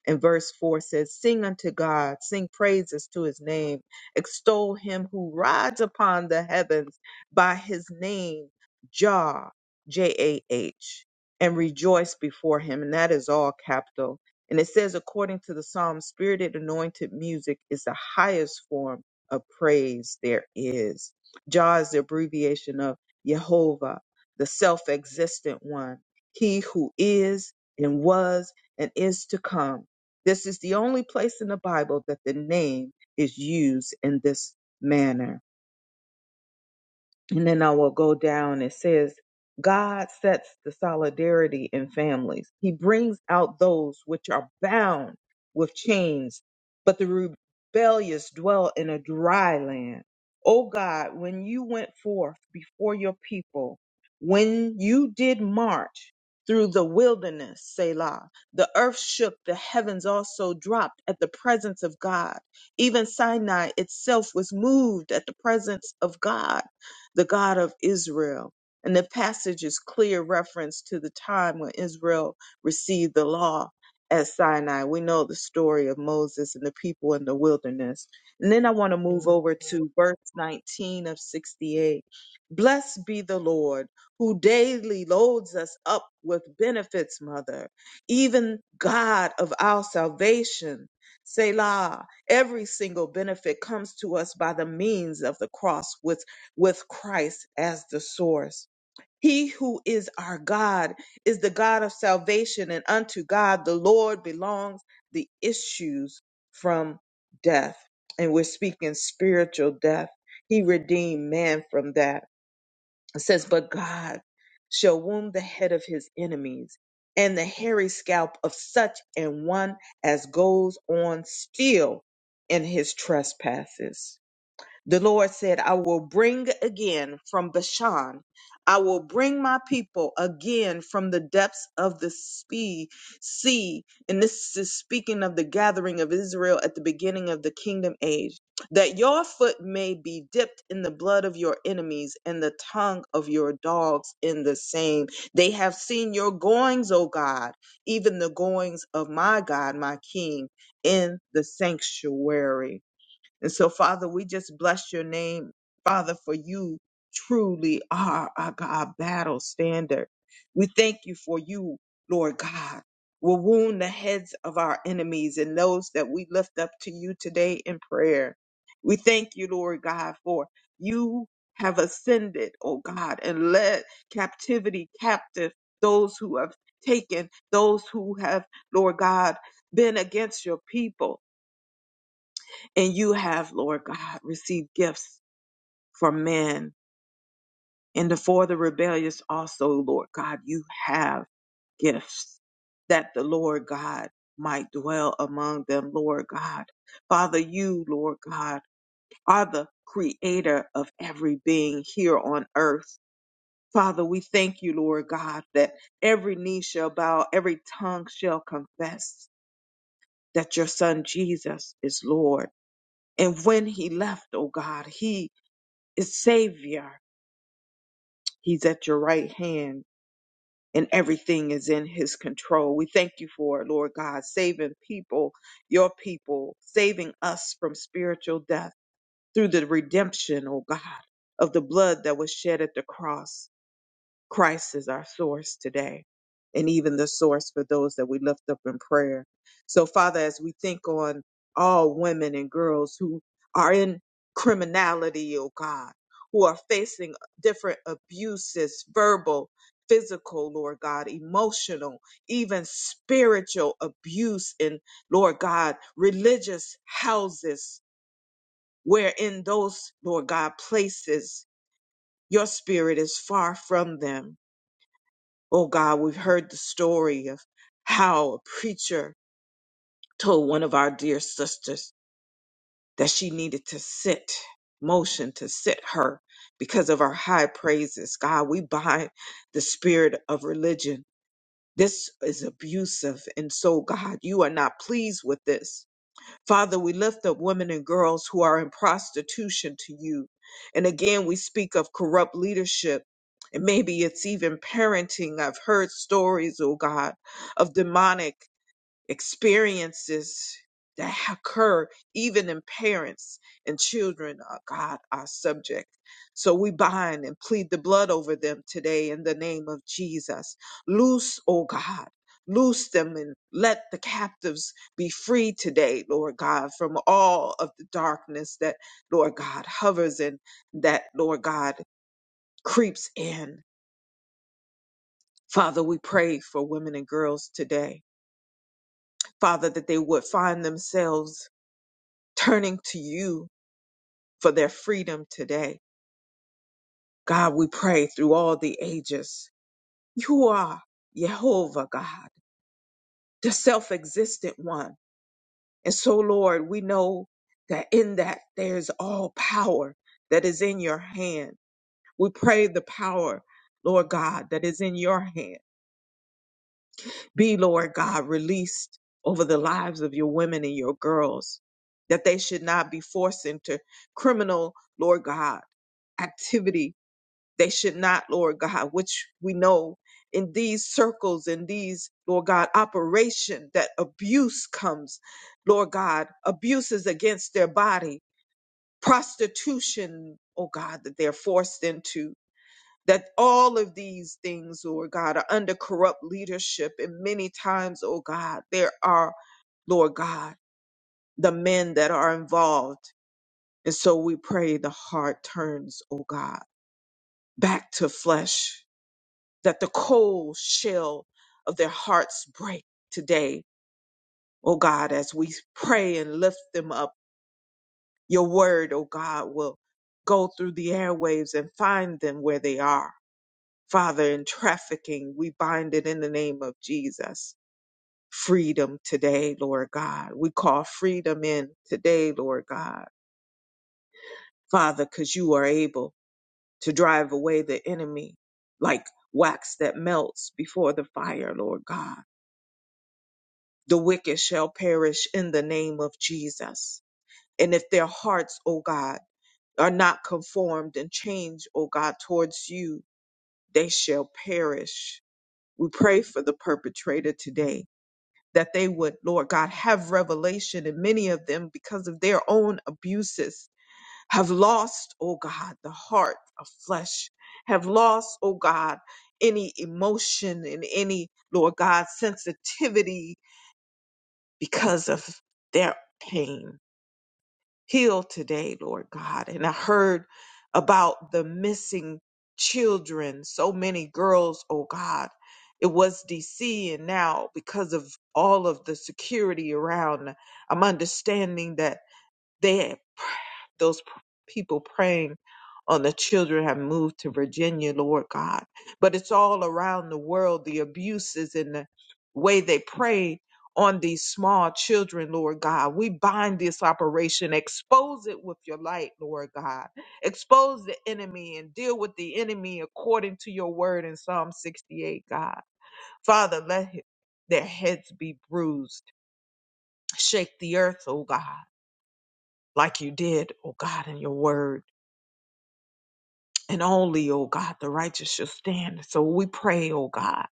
[SPEAKER 1] And verse 4 says, Sing unto God, sing praises to his name, extol him who rides upon the heavens by his name, Jah, J A H, and rejoice before him. And that is all capital. And it says, according to the psalm, spirited anointed music is the highest form of praise there is. Jah is the abbreviation of Jehovah, the self existent one, he who is and was and is to come this is the only place in the Bible that the name is used in this manner. And then I will go down. It says, God sets the solidarity in families. He brings out those which are bound with chains, but the rebellious dwell in a dry land. O God, when you went forth before your people, when you did march through the wilderness, Selah, the earth shook, the heavens also dropped at the presence of God. Even Sinai itself was moved at the presence of God the God of Israel. And the passage is clear reference to the time when Israel received the law at Sinai. We know the story of Moses and the people in the wilderness. And then I want to move over to verse 19 of 68. Blessed be the Lord who daily loads us up with benefits, Mother, even God of our salvation. Selah, every single benefit comes to us by the means of the cross with with Christ as the source. He who is our God is the God of salvation, and unto God the Lord belongs the issues from death. And we're speaking spiritual death. He redeemed man from that. It says, But God shall wound the head of his enemies, and the hairy scalp of such an one as goes on still in his trespasses. The Lord said, I will bring again from Bashan. I will bring my people again from the depths of the spe- sea. And this is speaking of the gathering of Israel at the beginning of the kingdom age, that your foot may be dipped in the blood of your enemies and the tongue of your dogs in the same. They have seen your goings, O God, even the goings of my God, my King, in the sanctuary. And so, Father, we just bless your name, Father, for you truly are our God battle standard. We thank you for you, Lord God. Will wound the heads of our enemies and those that we lift up to you today in prayer. We thank you, Lord God, for you have ascended, O God, and led captivity captive those who have taken, those who have, Lord God, been against your people. And you have, Lord God, received gifts from men. And for the rebellious also, Lord God, you have gifts that the Lord God might dwell among them, Lord God. Father, you, Lord God, are the creator of every being here on earth. Father, we thank you, Lord God, that every knee shall bow, every tongue shall confess that your son Jesus is Lord. And when he left, oh God, he is Savior. He's at your right hand, and everything is in His control. We thank you for it, Lord God, saving people, your people, saving us from spiritual death through the redemption, oh God, of the blood that was shed at the cross. Christ is our source today, and even the source for those that we lift up in prayer. So, Father, as we think on all women and girls who are in criminality, oh God, who are facing different abuses, verbal, physical, Lord God, emotional, even spiritual abuse in, Lord God, religious houses, where in those, Lord God, places, your spirit is far from them. Oh God, we've heard the story of how a preacher told one of our dear sisters that she needed to sit, motion to sit her because of our high praises. God, we bind the spirit of religion. This is abusive. And so, God, you are not pleased with this. Father, we lift up women and girls who are in prostitution to you. And again, we speak of corrupt leadership. And maybe it's even parenting. I've heard stories, oh God, of demonic experiences that occur even in parents and children, uh, God, our subject. So we bind and plead the blood over them today in the name of Jesus. Loose, oh God. Loose them and let the captives be free today, Lord God, from all of the darkness that, Lord God, hovers and that, Lord God, creeps in. Father, we pray for women and girls today. Father, that they would find themselves turning to you for their freedom today. God, we pray through all the ages. You are Jehovah God, the self existent one. And so, Lord, we know that in that there's all power that is in your hand. We pray the power, Lord God, that is in your hand be, Lord God, released over the lives of your women and your girls, that they should not be forced into criminal, Lord God, activity They should not, Lord God, which we know in these circles, in these, Lord God, operation that abuse comes, Lord God, abuses against their body, prostitution, oh God, that they're forced into. That all of these things, Lord God, are under corrupt leadership. And many times, oh God, there are Lord God, the men that are involved. And so we pray the heart turns, oh God, back to flesh that the cold shell of their hearts break today, oh God, as we pray and lift them up. Your word, oh God, will go through the airwaves and find them where they are. Father, in trafficking, we bind it in the name of Jesus. Freedom today, Lord God. We call freedom in today, Lord God. Father, because you are able to drive away the enemy like wax that melts before the fire, Lord God. The wicked shall perish in the name of Jesus. And if their hearts, O God, are not conformed and changed, O God, towards you, they shall perish. We pray for the perpetrator today that they would, Lord God, have revelation. And many of them, because of their own abuses, have lost, O God, the heart of flesh, have lost, O God, any emotion and any, Lord God, sensitivity because of their pain. Heal today, Lord God. And I heard about the missing children, so many girls, oh God. It was DC, and now because of all of the security around, I'm understanding that. They had those p- people praying on the children have moved to Virginia, Lord God. But it's all around the world, the abuses and the way they pray on these small children, Lord God. We bind this operation, expose it with your light, Lord God. Expose the enemy and deal with the enemy according to your word in Psalm 68, God. Father, let he- their heads be bruised. Shake the earth, oh God like you did, oh God, in your word. And only, oh God, the righteous shall stand. So we pray, oh God,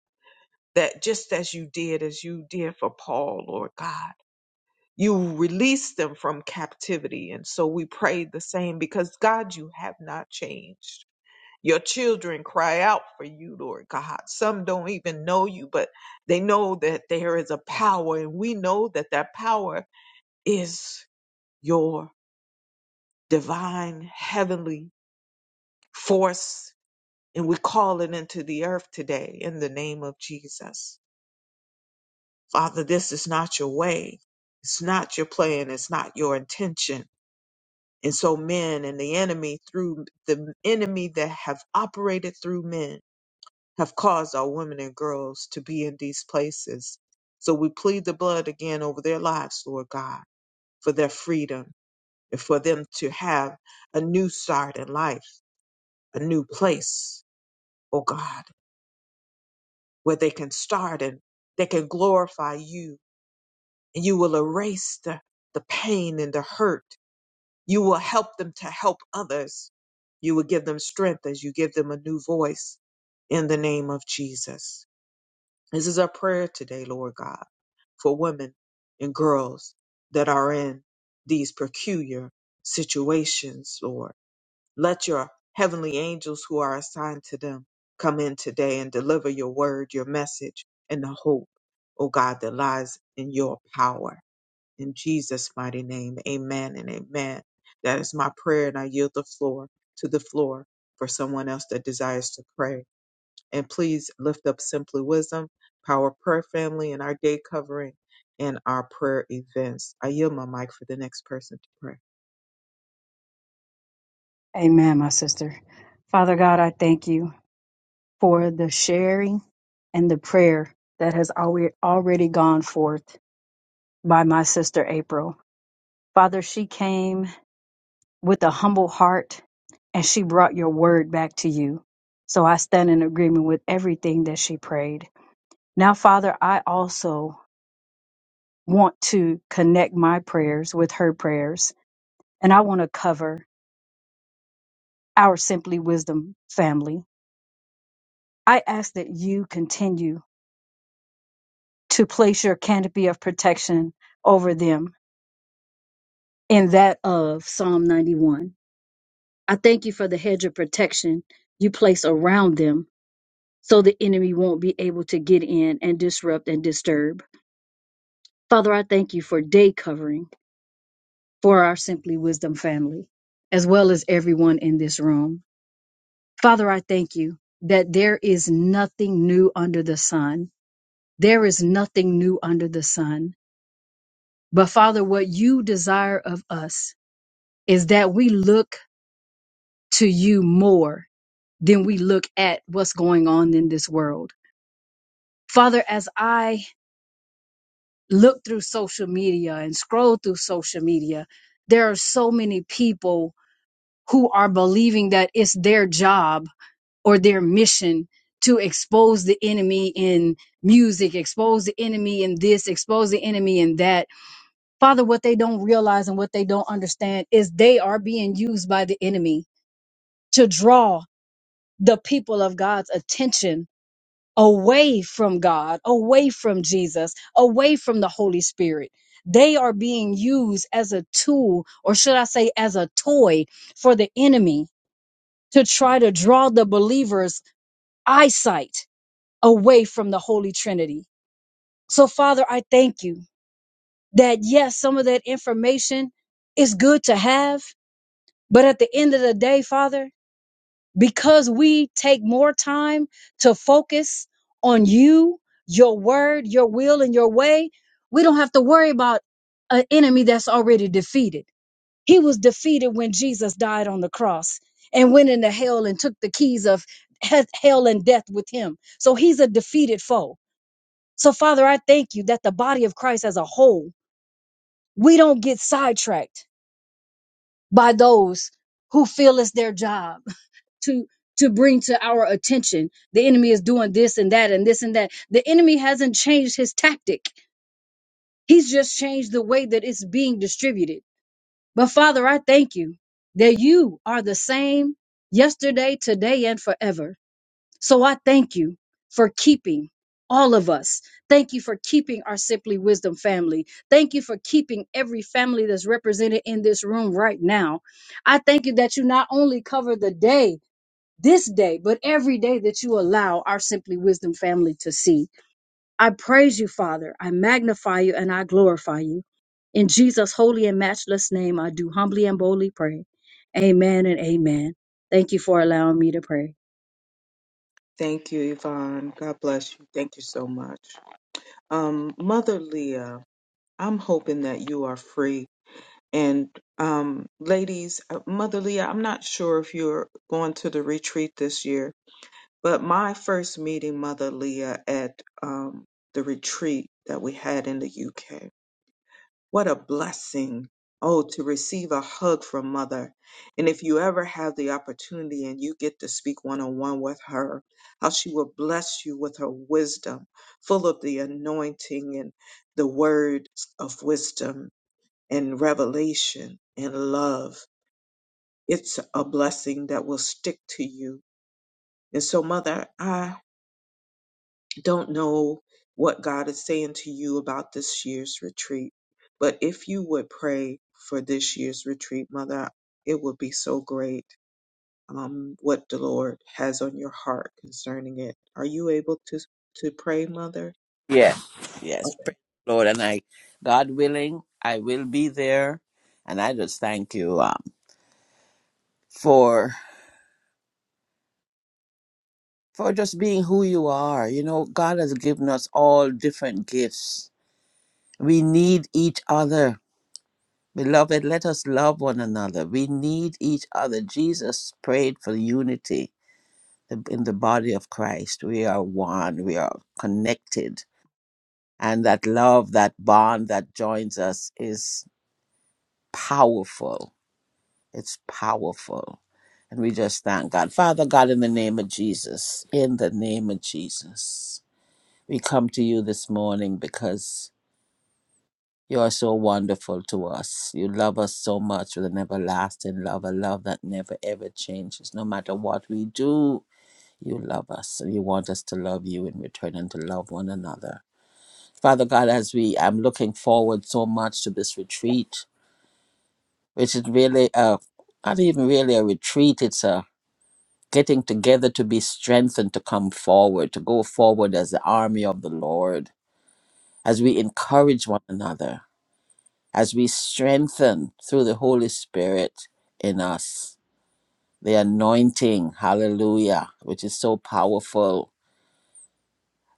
[SPEAKER 1] that just as you did, as you did for Paul, Lord God, you release them from captivity. And so we pray the same because, God, you have not changed. Your children cry out for you, Lord God. Some don't even know you, but they know that there is a power, and we know that that power is your divine heavenly force And we call it into the earth today in the name of Jesus. Father, this is not your way. It's not your plan. It's not your intention. And so men and the enemy through the enemy that have operated through men have caused our women and girls to be in these places. So we plead the blood again over their lives, Lord God, for their freedom and for them to have a new start in life, a new place, oh God where they can start and they can glorify you and you will erase the, the pain and the hurt. You will help them to help others. You will give them strength as you give them a new voice in the name of Jesus. This is our prayer today, Lord God, for women and girls that are in these peculiar situations, Lord let your heavenly angels who are assigned to them come in today and deliver your word, your message, and the hope, oh God, that lies in your power. In Jesus' mighty name, amen and amen. That is my prayer, and I yield the floor to the floor for someone else that desires to pray. And please lift up Simply Wisdom, Power Prayer Family, and our day covering and our prayer events. I yield my mic for the next person to pray.
[SPEAKER 5] Amen, my sister. Father God, I thank you for the sharing and the prayer that has alwe- already gone forth by my sister April. Father, she came with a humble heart, and she brought your word back to you. So I stand in agreement with everything that she prayed. Now, Father, I also want to connect my prayers with her prayers, and I want to cover our Simply Wisdom family. I ask that you continue to place your canopy of protection over them in that of Psalm 91. I thank you for the hedge of protection you place around them so the enemy won't be able to get in and disrupt and disturb. Father, I thank you for day covering for our Simply Wisdom family, as well as everyone in this room. Father, I thank you that there is nothing new under the sun. There is nothing new under the sun. But Father, what you desire of us is that we look to you more than we look at what's going on in this world. Father, as I look through social media and scroll through social media, there are so many people who are believing that it's their job or their mission to expose the enemy in music, expose the enemy in this, expose the enemy in that. Father, what they don't realize and what they don't understand is they are being used by the enemy to draw the people of God's attention away from God, away from Jesus, away from the Holy Spirit. They are being used as a tool, or should I say, as a toy for the enemy to try to draw the believer's eyesight away from the Holy Trinity. So, Father, I thank you that yes, some of that information is good to have, but at the end of the day, Father, because we take more time to focus on you, your word, your will, and your way, we don't have to worry about an enemy that's already defeated. He was defeated when Jesus died on the cross and went into hell and took the keys of he- hell and death with him. So he's a defeated foe. So, Father, I thank you that the body of Christ as a whole, we don't get sidetracked by those who feel it's their job to to bring to our attention the enemy is doing this and that and this and that the enemy hasn't changed his tactic he's just changed the way that it's being distributed but father i thank you that you are the same yesterday today and forever so i thank you for keeping all of us thank you for keeping our simply wisdom family thank you for keeping every family that's represented in this room right now i thank you that you not only cover the day this day, but every day that you allow our Simply Wisdom family to see. I praise you, Father. I magnify you and I glorify you. In Jesus' holy and matchless name, I do humbly and boldly pray. Amen and amen. Thank you for allowing me to pray.
[SPEAKER 1] Thank you, Yvonne. God bless you. Thank you so much. Um, Mother Leah, I'm hoping that you are free. And um, ladies, uh, Mother Leah, I'm not sure if you're going to the retreat this year, but my first meeting, Mother Leah, at um, the retreat that we had in the UK. What a blessing. Oh, to receive a hug from mother. And if you ever have the opportunity and you get to speak one on one with her, how she will bless you with her wisdom, full of the anointing and the words of wisdom and revelation and love. It's a blessing that will stick to you. And so, mother, I. don't know what God is saying to you about this year's retreat, but if you would pray for this year's retreat, Mother, it would be so great um, what the Lord has on your heart concerning it. Are you able to to pray, Mother?
[SPEAKER 3] Yes, yes,
[SPEAKER 1] Okay.
[SPEAKER 3] praise the Lord. And I, God willing, I will be there. And I just thank you um, for for just being who you are. You know, God has given us all different gifts. We need each other. Beloved, let us love one another. We need each other. Jesus prayed for unity in the body of Christ. We are one, we are connected. And that love, that bond that joins us is powerful It's powerful. And we just thank God. Father God, in the name of Jesus, in the name of Jesus, we come to you this morning because you are so wonderful to us. You love us so much with an everlasting love, a love that never ever changes. No matter what we do, you love us and you want us to love you in return and to love one another. Father God, as we, I'm looking forward so much to this retreat, which is really a, not even really a retreat, it's a getting together to be strengthened to come forward, to go forward as the army of the Lord, as we encourage one another, as we strengthen through the Holy Spirit in us. The anointing, hallelujah, which is so powerful.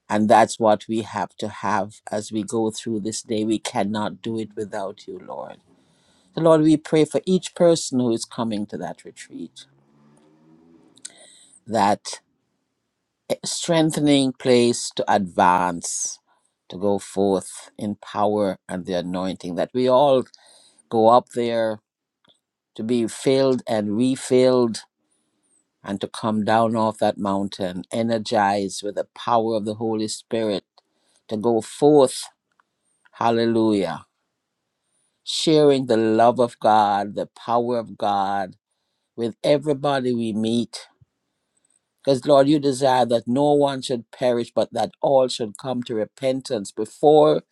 [SPEAKER 3] And that's what we have to have as we go through this day. We cannot do it without you, Lord. So, Lord, we pray for each person who is coming to that retreat that strengthening place to advance, to go forth in power and the anointing, that we all go up there to be filled and refilled and to come down off that mountain, energized with the power of the Holy Spirit, to go forth, hallelujah, sharing the love of God, the power of God with everybody we meet Because, Lord, you desire that no one should perish, but that all should come to repentance before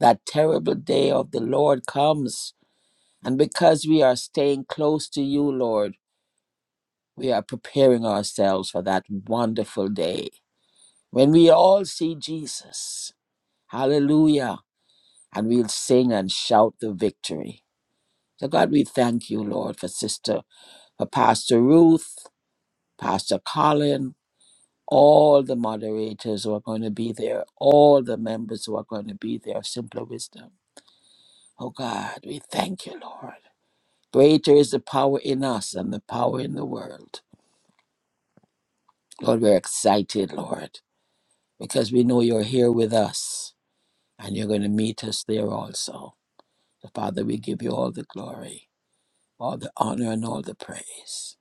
[SPEAKER 3] that terrible day of the Lord comes. And because we are staying close to you, Lord, we are preparing ourselves for that wonderful day when we all see Jesus. Hallelujah. And we'll sing and shout the victory. So, God, we thank you, Lord, for Sister, for Pastor Ruth, Pastor Colin, All the moderators who are going to be there, all the members who are going to be there of Simpler Wisdom. Oh God, we thank you, Lord. Greater is the power in us than the power in the world. Lord, we're excited, Lord, because we know you're here with us and you're going to meet us there also. So, Father, we give you all the glory, all the honor, and all the praise.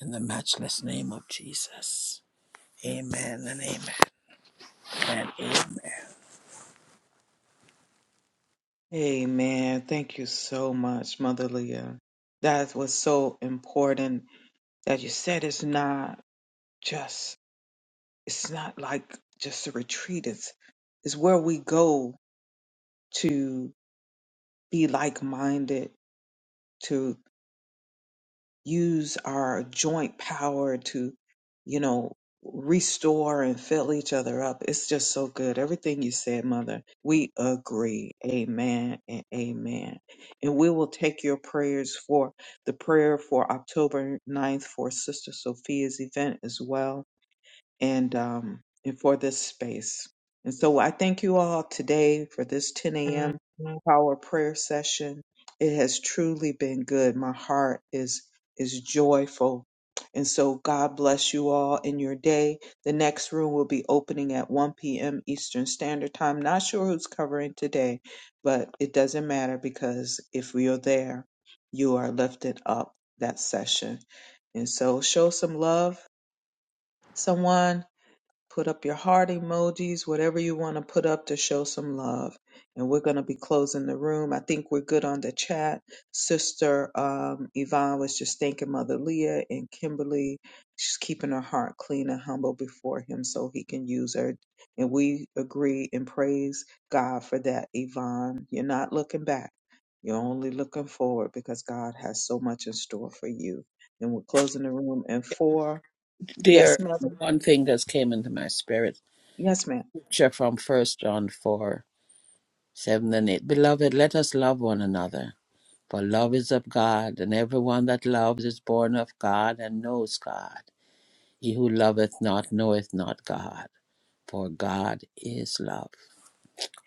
[SPEAKER 3] In the matchless name of Jesus. Amen and amen and amen.
[SPEAKER 1] Amen. Thank you so much, Mother Leah. That was so important that you said it's not just, it's not like just a retreat. It's, it's where we go be like minded, to use our joint power to, you know, restore and fill each other up. It's just so good. Everything you said, Mother, we agree. Amen and amen. And we will take your prayers for the prayer for October ninth for Sister Sophia's event as well and um, and for this space. And so I thank you all today for this 10 a.m. power prayer session. It has truly been good. My heart is is joyful. And so God bless you all in your day. The next room will be opening at 1 p.m. Eastern Standard Time. Not sure who's covering today, but it doesn't matter because if we are there, you are lifted up that session. And so show some love, someone Put up your heart emojis, whatever you want to put up to show some love. And we're going to be closing the room. I think we're good on the chat. Sister um, Yvonne was just thanking Mother Leah and Kimberly. She's keeping her heart clean and humble before Him so He can use her. And we agree and praise God for that, Yvonne. You're not looking back. You're only looking forward because God has so much in store for you. And we're closing the room in four. Yes,
[SPEAKER 3] Dear,
[SPEAKER 1] Mother.
[SPEAKER 3] one thing that's came into my spirit
[SPEAKER 1] Yes, ma'am.
[SPEAKER 3] scripture from First John 4 7 and 8. Beloved, let us love one another, for love is of God, and everyone that loves is born of God and knows God. He who loveth not knoweth not God, for God is love.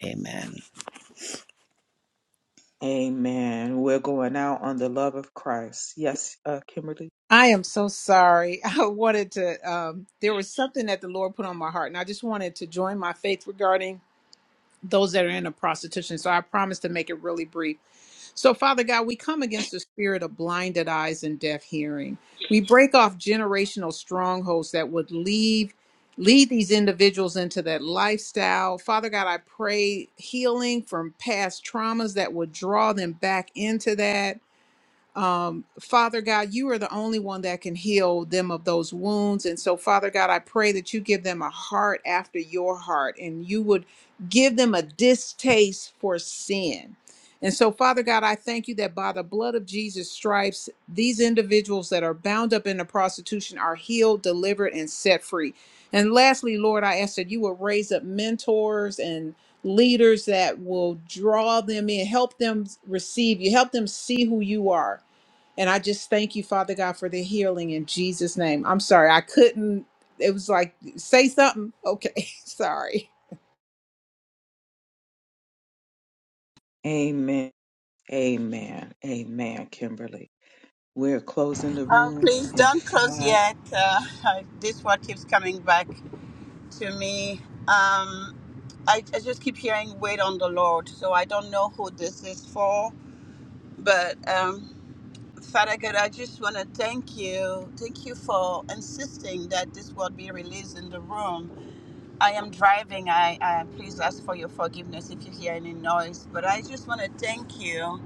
[SPEAKER 3] Amen.
[SPEAKER 1] Amen. We're going out on the love of Christ. Yes, uh, Kimberly.
[SPEAKER 4] I am so sorry. [LAUGHS] I wanted to, um, there was something that the Lord put on my heart, and I just wanted to join my faith regarding those that are in a prostitution. So I promise to make it really brief. So, Father God, we come against the spirit of blinded eyes and deaf hearing. We break off generational strongholds that would leave lead these individuals into that lifestyle. Father God, I pray healing from past traumas that would draw them back into that um, Father God, you are the only one that can heal them of those wounds. And so, Father God, I pray that you give them a heart after your heart and you would give them a distaste for sin. And so, Father God, I thank you that by the blood of Jesus' stripes, these individuals that are bound up in the prostitution are healed, delivered, and set free. And lastly, Lord, I ask that you will raise up mentors and leaders that will draw them in, help them receive you, help them see who you are and I just thank you, Father God, for the healing in Jesus' name. I'm sorry, I couldn't. It was like, say something. Okay, [LAUGHS] sorry.
[SPEAKER 1] Amen. Amen. Amen, Kimberly. We're closing the
[SPEAKER 6] Oh,
[SPEAKER 1] room
[SPEAKER 6] please
[SPEAKER 1] in
[SPEAKER 6] don't close
[SPEAKER 1] five.
[SPEAKER 6] yet. Uh, I- this word keeps coming back to me. Um, I, I just keep hearing wait on the Lord. So I don't know who this is for, but um, Father God, I just want to thank you. Thank you for insisting that this word be released in the room. I am driving. I, I please ask for your forgiveness if you hear any noise, but I just want to thank you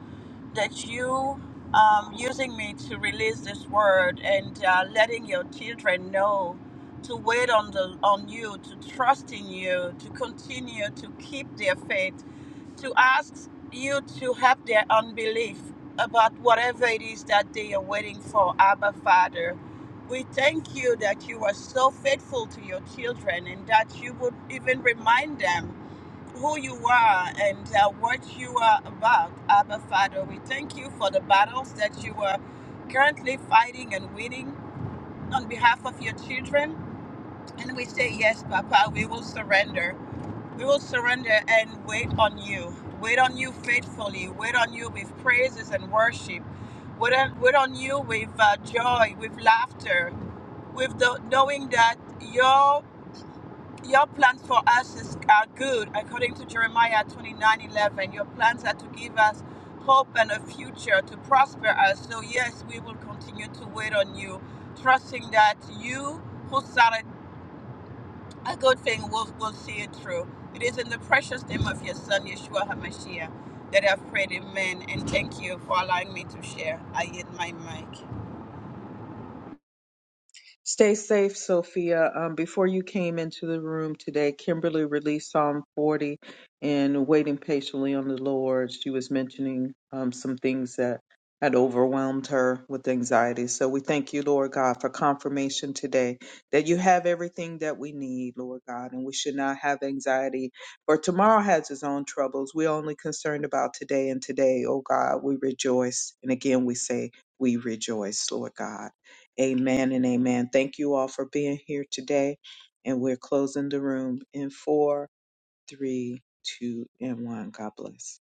[SPEAKER 6] that you um, using me to release this word and uh, letting your children know to wait on the on you, to trust in you, to continue to keep their faith, to ask you to help their unbelief about whatever it is that they are waiting for, Abba Father. We thank you that you are so faithful to your children and that you would even remind them who you are and uh, what you are about, Abba Father. We thank you for the battles that you are currently fighting and winning on behalf of your children. And we say, Yes, Papa, we will surrender. We will surrender and wait on you. Wait on you faithfully. Wait on you with praises and worship. Wait on, wait on you with uh, joy, with laughter, with the knowing that your your plans for us is, are good. According to Jeremiah 29:11. your plans are to give us hope and a future to prosper us. So, yes, we will continue to wait on you, trusting that you who started a good thing will, will see it through. It is in the precious name of your son, Yeshua HaMashiach, that I've prayed. Amen. And thank you for allowing me to share. I yield my mic.
[SPEAKER 1] Stay safe, Sophia. Um, before you came into the room today, Kimberly released Psalm 40 and waiting patiently on the Lord. She was mentioning um, some things that had overwhelmed her with anxiety. So we thank you, Lord God, for confirmation today that you have everything that we need, Lord God, and we should not have anxiety. For tomorrow has its own troubles. We're only concerned about today, and today, oh God, we rejoice. And again, we say, we rejoice, Lord God. Amen and amen. Thank you all for being here today. And we're closing the room in four, three, two, and one. God bless.